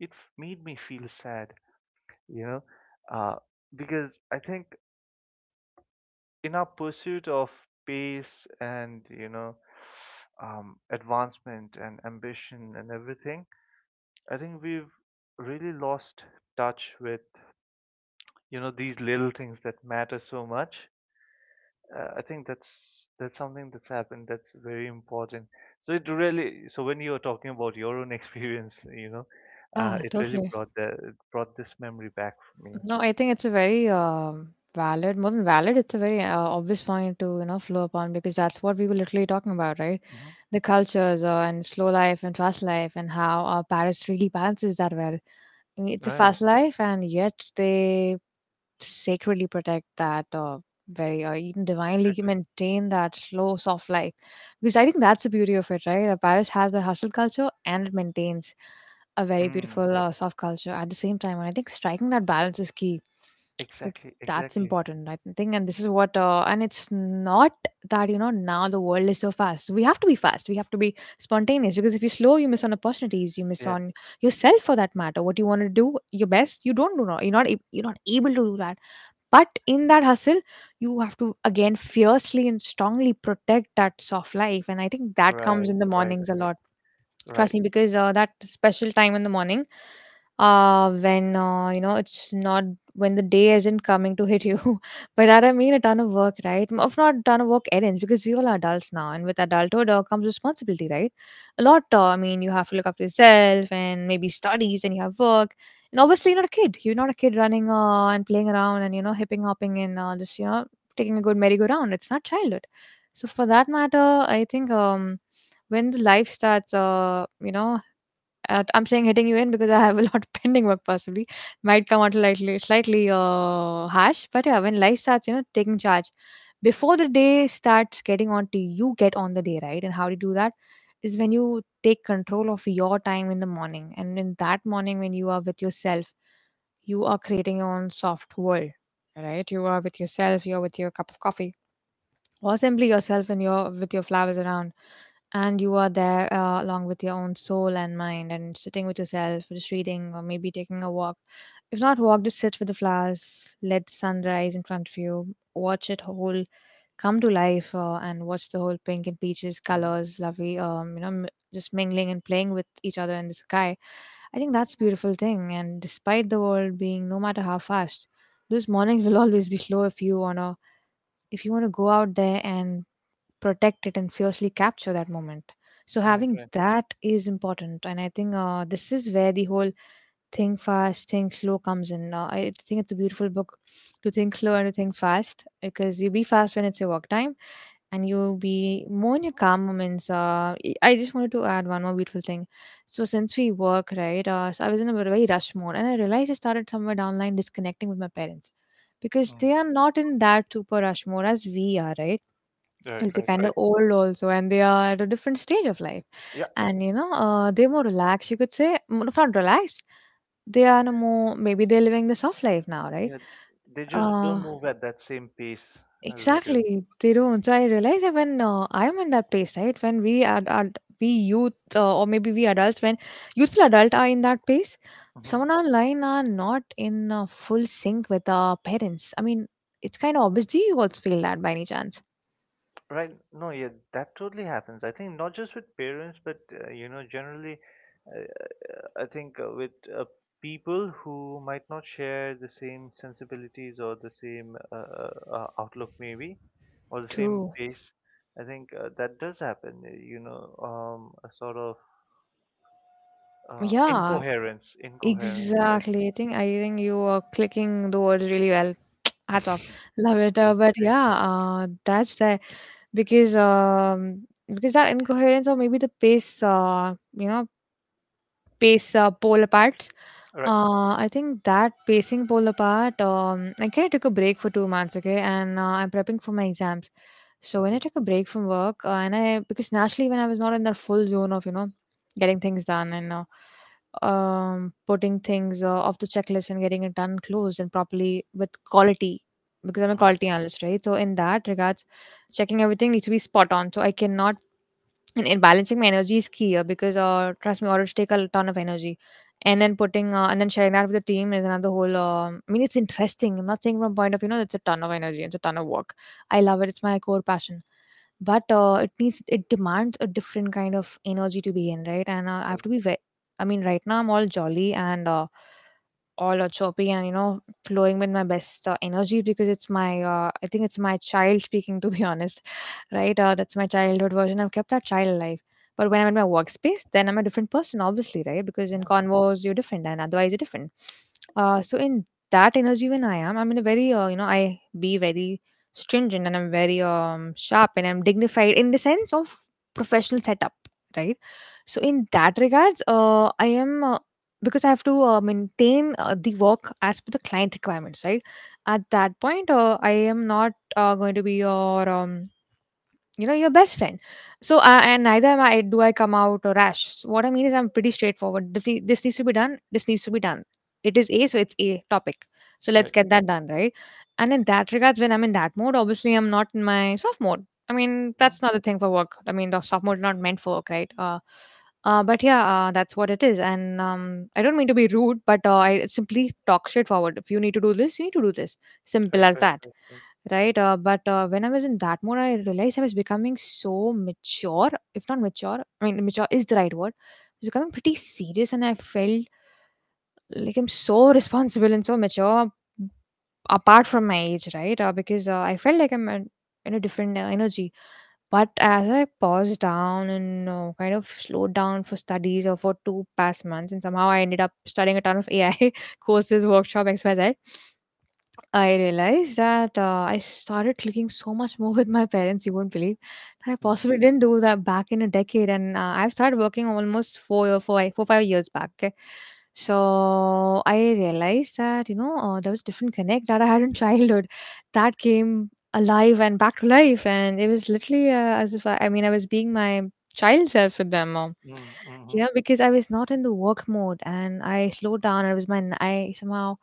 S1: it made me feel sad, you know, uh, because I think in our pursuit of pace and, advancement and ambition and everything, I think we've really lost touch with, these little things that matter so much. I think that's something that's happened that's very important. So it really so when you were talking about your own experience,
S2: Yeah,
S1: it really
S2: totally.
S1: brought the it brought this memory back for me.
S2: No, I think it's a very valid, more than valid, it's a very obvious point to, you know, flow upon, because that's what we were literally talking about, right?
S1: Mm-hmm.
S2: The cultures and slow life and fast life and how Paris really balances that well. I mean, it's a fast life, and yet they sacredly protect that, very or even divinely
S1: Exactly.
S2: maintain that slow, soft life because I think that's the beauty of it, right? Paris has the hustle culture and it maintains a very
S1: Mm,
S2: beautiful soft culture at the same time, and I think striking that balance is key. So
S1: exactly,
S2: that's
S1: exactly.
S2: important, I think. And this is what, and it's not that, you know, now the world is so fast, we have to be fast, we have to be spontaneous, because if you slow, you miss on opportunities, you miss
S1: Yeah,
S2: on yourself, for that matter, what you want to do your best. You don't, do not, you're not ab- you're not able to do that. But in that hustle, you have to, again, fiercely and strongly protect that soft life. And I think that comes
S1: right,
S2: in the
S1: right,
S2: mornings a
S1: right,
S2: lot,
S1: right.
S2: trust me, because that special time in the morning, when, you know, it's not, when the day isn't coming to hit you by that I mean a ton of work, right? If not a ton of work, errands, because we all are adults now, and with adulthood, comes responsibility, right? A lot, I mean, you have to look after yourself and maybe studies, and you have work. And obviously you're not a kid. You're not a kid running, and playing around, and you know, hipping hopping, and just, you know, taking a good merry-go-round. It's not childhood. So for that matter, I think, when the life starts, you know, I'm saying hitting you in because I have a lot pending work. Possibly might come out slightly, slightly harsh, but yeah, when life starts, you know, taking charge before the day starts getting on to you, get on the day, right? And how do you do that is when you take control of your time in the morning. And in that morning, when you are with yourself, you are creating your own soft world, right? You are with yourself, you're with your cup of coffee or simply yourself and your with your flowers around, and you are there, along with your own soul and mind, and sitting with yourself just reading or maybe taking a walk. If not walk, just sit with the flowers, let the sun rise in front of you, watch it whole come to life, and watch the whole pink and peaches
S1: Mm,
S2: colors, lovely, you know, just mingling and playing with each other in the sky. I think that's a beautiful thing. And despite the world being, no matter how fast, those mornings will always be slow, if you want to, if you want to go out there and protect it and fiercely capture that moment. So
S1: right,
S2: having
S1: right.
S2: that is important. And I think, this is where the whole think fast, think slow comes in. I think it's a beautiful book, to think slow and to think fast, because you be fast when it's your work time, and you be more in your calm moments. I I just wanted to add one more beautiful thing. So since we work, right, so I was in a very rush mode, and I realized I started somewhere down the line disconnecting with my parents because
S1: Mm,
S2: they are not in that super rush mode as we are, right?
S1: right,
S2: Like they're
S1: right,
S2: kind
S1: right.
S2: of old also, and they are at a different stage of life.
S1: Yeah,
S2: And you know, they're more relaxed. You could say, not relaxed. They are in a more, maybe they're living the soft life now, right?
S1: yeah. They just don't
S2: Uh,
S1: move at that same pace as we do.
S2: exactly. They don't. So I realize that when, I'm in that place, right? When we are we youth, or maybe we adults, when youthful adult are in that place,
S1: Hmm.
S2: someone online are not in, full sync with our parents. I mean, it's kind of obvious. Do you also feel that by any chance?
S1: Right. No, yeah, that totally happens. I think not just with parents, but generally, uh, I think, with, uh, people who might not share the same sensibilities or the same outlook, maybe, or the same
S2: True.
S1: pace, I think that does happen. You know, a sort of
S2: Yeah,
S1: incoherence, incoherence. I think.
S2: exactly. I think you are clicking the words really well. Hats off. Love it.
S1: Yes,
S2: But
S1: thank
S2: yeah,
S1: you.
S2: that's the, because because that incoherence or maybe the pace, you know, pace, pole parts,
S1: Right.
S2: I think that pacing pole apart, I kind of took a break for 2 months, okay, and I'm prepping for my exams. So when I
S1: Okay.
S2: took a break from work, and I because naturally when I was not in that full zone of, you know, getting things done, and putting things, off the checklist and getting it done, closed and properly with quality, because I'm a
S1: Hmm.
S2: quality analyst, right? So in that regards, checking everything needs to be spot on. So I cannot, and balancing my energy is key, because trust me, orders take a ton of energy. And then putting, and then sharing that with the team is another whole, I mean, it's interesting. I'm not saying from point of, you know, it's a ton of energy, it's a ton of work. I love it, it's my core passion. But it needs, it demands a different kind of energy to be in, right? And I have
S1: Right.
S2: to be ve- I mean, right now I'm all jolly and, all are choppy, and you know, flowing with my best energy, because it's my, I think it's my child speaking, to be honest, right? That's my childhood version. I've kept that child alive. But when I'm in my workspace, then I'm a different person, obviously, right? Because in
S1: Yeah.
S2: convos you're different and otherwise you're different. So in that energy, when I am, I'm in a very, you know, I be very stringent, and I'm very, sharp, and I'm dignified in the sense of professional setup, right? So in that regards, I am because I have to, maintain, the work as per the client requirements, right? At that point, I am not, going to be your, you know, your best friend. So I, and neither am I, do I come out or rash. So what I mean is, I'm pretty straightforward. If the- This needs to be done, this needs to be done. It is a, so it's a topic, so let's
S1: Right.
S2: get that done, right? And in that regards, when I'm in that mode, obviously I'm not in my soft mode. I mean,
S1: Hmm.
S2: that's not a thing for work. I mean, the soft mode is not meant for work, right? But yeah, that's what it is. And I don't mean to be rude, but I simply talk straightforward. If you need to do this, you need to do this. Simple
S1: Right.
S2: as
S1: Right.
S2: that.
S1: Right. Right.
S2: Right, but when I was in that mode, I realized I was becoming so mature, if not mature, I mean, mature is the right word. I was becoming pretty serious, and I felt like I'm so responsible and so mature apart from my age, right? Because I felt like I'm at, in a different energy. But as I paused down and kind of slowed down for studies or for two past months, and somehow I ended up studying a ton of AI courses, workshop, XYZ. I realized that, I started clicking so much more with my parents, you won't believe. I
S1: Mm.
S2: possibly didn't do that back in a decade, and I've started working almost 4, 5 years back. Okay? So I realized that, you know, there was different connect that I had in childhood that came alive and back to life. And it was literally, as if I mean, I was being my child self with them.
S1: Mm-hmm.
S2: Yeah, because I was not in the work mode, and I slowed down. I was my, I somehow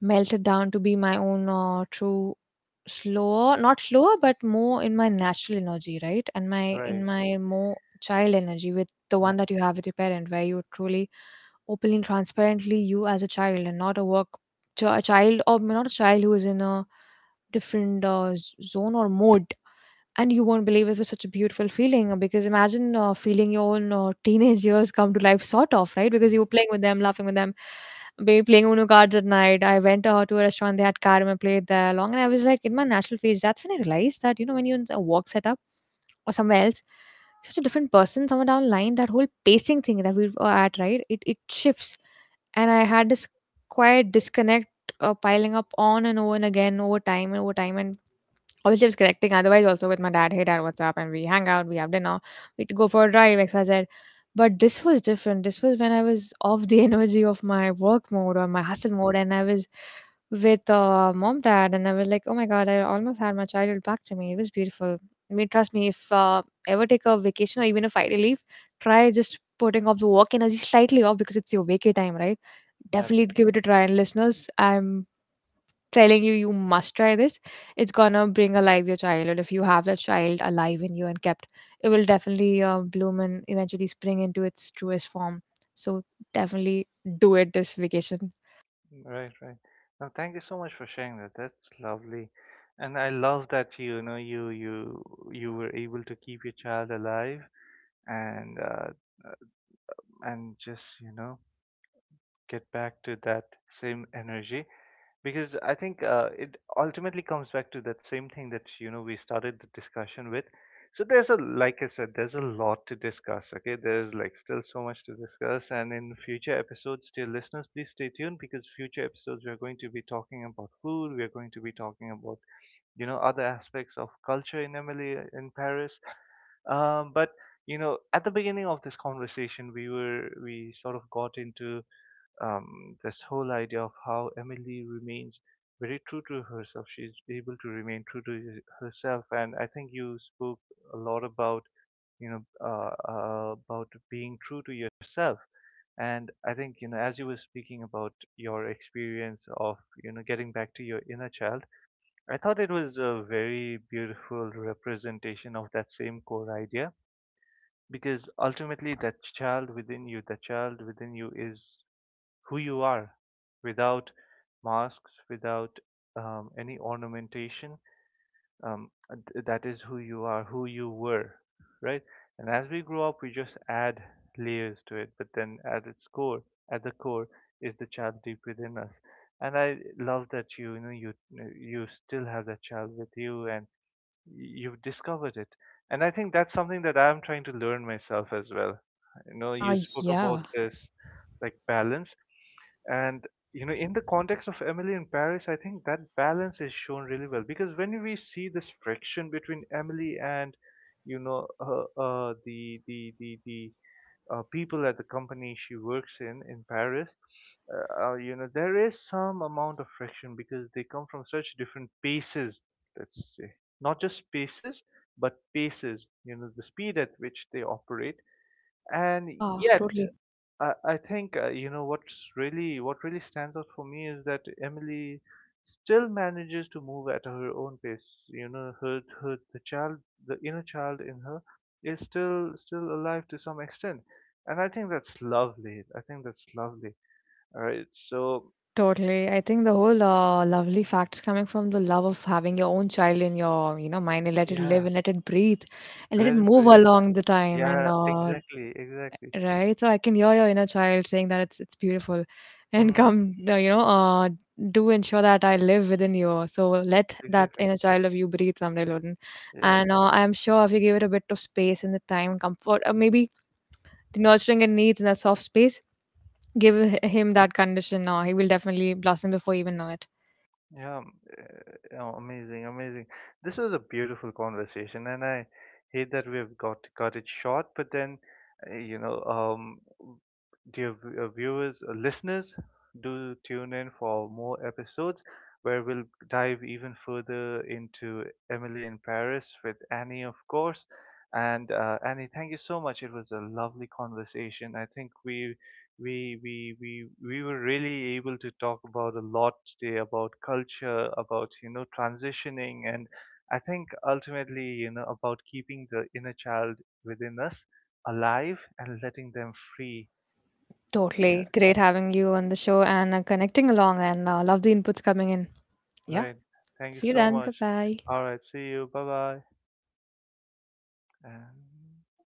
S2: melted down to be my own, true, slower, not slower, but more in my natural energy, right? And my, in
S1: Right.
S2: my more child energy, with the
S1: Yeah.
S2: one that you have with your parent, where you truly, openly and transparently, you as a child and not a work, a child, or not a child who is in a different, zone or mode. And you won't believe, it was such a beautiful feeling, because imagine, feeling your own teenage years come to life, sort of, right? Because
S1: Mhm.
S2: you were playing with them, laughing with them, maybe playing uno cards at night. I went, to a restaurant, they had carom, I played there long, and I was like in my natural phase. That's when I realized that, you know, when you're in a work setup or somewhere else, such a different person, somewhere down the line, that whole pacing thing that we were at, right? It shifts. And I had this quiet disconnect, piling up on and over and again, over time and over time. And always lives connecting otherwise also with my dad, hey dad, what's up, and we hang out, we have dinner, we go for a drive, xyz. But this was different. This was when I was off the energy of my work mode or my hustle mode, and I was with, mom dad, and I was like, oh my god, I almost had my childhood back to me. It was beautiful. I mean, trust me, if ever take a vacation, or even a Friday leave, try just putting off the work energy slightly off, because it's your vacay time, right?
S1: Right.
S2: Definitely give it a try. And listeners, I'm telling you, you must try this. It's gonna bring alive your childhood. If you have that child alive in you and kept, it will definitely bloom and eventually spring into its truest form. So definitely do it this vacation.
S1: Right, right. Now, thank you so much for sharing that. That's lovely, and I love that you were able to keep your child alive, and uh, and just get back to that same energy, because I think it ultimately comes back to that same thing that we started the discussion with. So there's a, like I said, there's a lot to discuss. Okay, there's like still so much to discuss, and in future episodes, dear listeners, please stay tuned, because future episodes we are going to be talking about food. We are going to be talking about other aspects of culture in Emily in Paris. But at the beginning of this conversation, we sort of got into this whole idea of how Emily remains very true to herself. She's able to remain true to herself, and I think you spoke a lot about, about being true to yourself. And I think, as you were speaking about your experience of, getting back to your inner child, I thought it was a very beautiful representation of that same core idea, because ultimately that child within you is who you are without masks, without any ornamentation. Um, that is who you are, who you were, right? And as we grow up, we just add layers to it. But then, at its core, at the core, is the child deep within us. And I love that you you still have that child with you, and you've discovered it. And I think that's something that I'm trying to learn myself as well. You know,
S2: uh,
S1: you spoke
S2: yeah
S1: about this like balance, and in the context of Emily in Paris, I think that balance is shown really well, because when we see this friction between Emily and you know the people at the company she works in Paris, there is some amount of friction because they come from such different paces. Let's say, not just spaces, but paces. You know, the speed at which they operate, and
S2: yeah
S1: yet
S2: totally
S1: I think what really stands out for me is that Emily still manages to move at her own pace. You know, the inner child in her is still alive to some extent, and I think that's lovely. I think that's lovely. All right, so
S2: Totally. I think the whole, lovely fact is coming from the love of having your own child in your, you know, mind, and let it
S1: yeah,
S2: live and let it breathe, and let it
S1: let it
S2: move
S1: be.
S2: along the time, and
S1: Yeah, exactly, exactly.
S2: right? So I can hear your inner child saying that it's beautiful. And
S1: Hmm.
S2: come, you know, do ensure that I live within you. So let that
S1: Exactly.
S2: inner child of you breathe someday, Loden.
S1: Yeah.
S2: And I'm sure if you give it a bit of space and the time, comfort, or maybe the nurturing it needs in that soft space, give him that condition. He will definitely blossom before you even know it.
S1: Yeah, oh, amazing, amazing. This was a beautiful conversation, and I hate that we have got it short. But then, uh, you know, um, w- dear viewers, listeners, do tune in for more episodes where we'll dive even further into Emily in Paris with Annie, of course. And Annie, thank you so much. It was a lovely conversation. I think we were really able to talk about a lot today about culture, about transitioning, and I think ultimately about keeping the inner child within us alive and letting them free. Yeah,
S2: Totally. Great having you on the show and connecting along and love the inputs coming in. Yeah.
S1: right. Thank you
S2: See you
S1: so
S2: then. Bye
S1: much.
S2: bye.
S1: All right. See you. Bye bye. And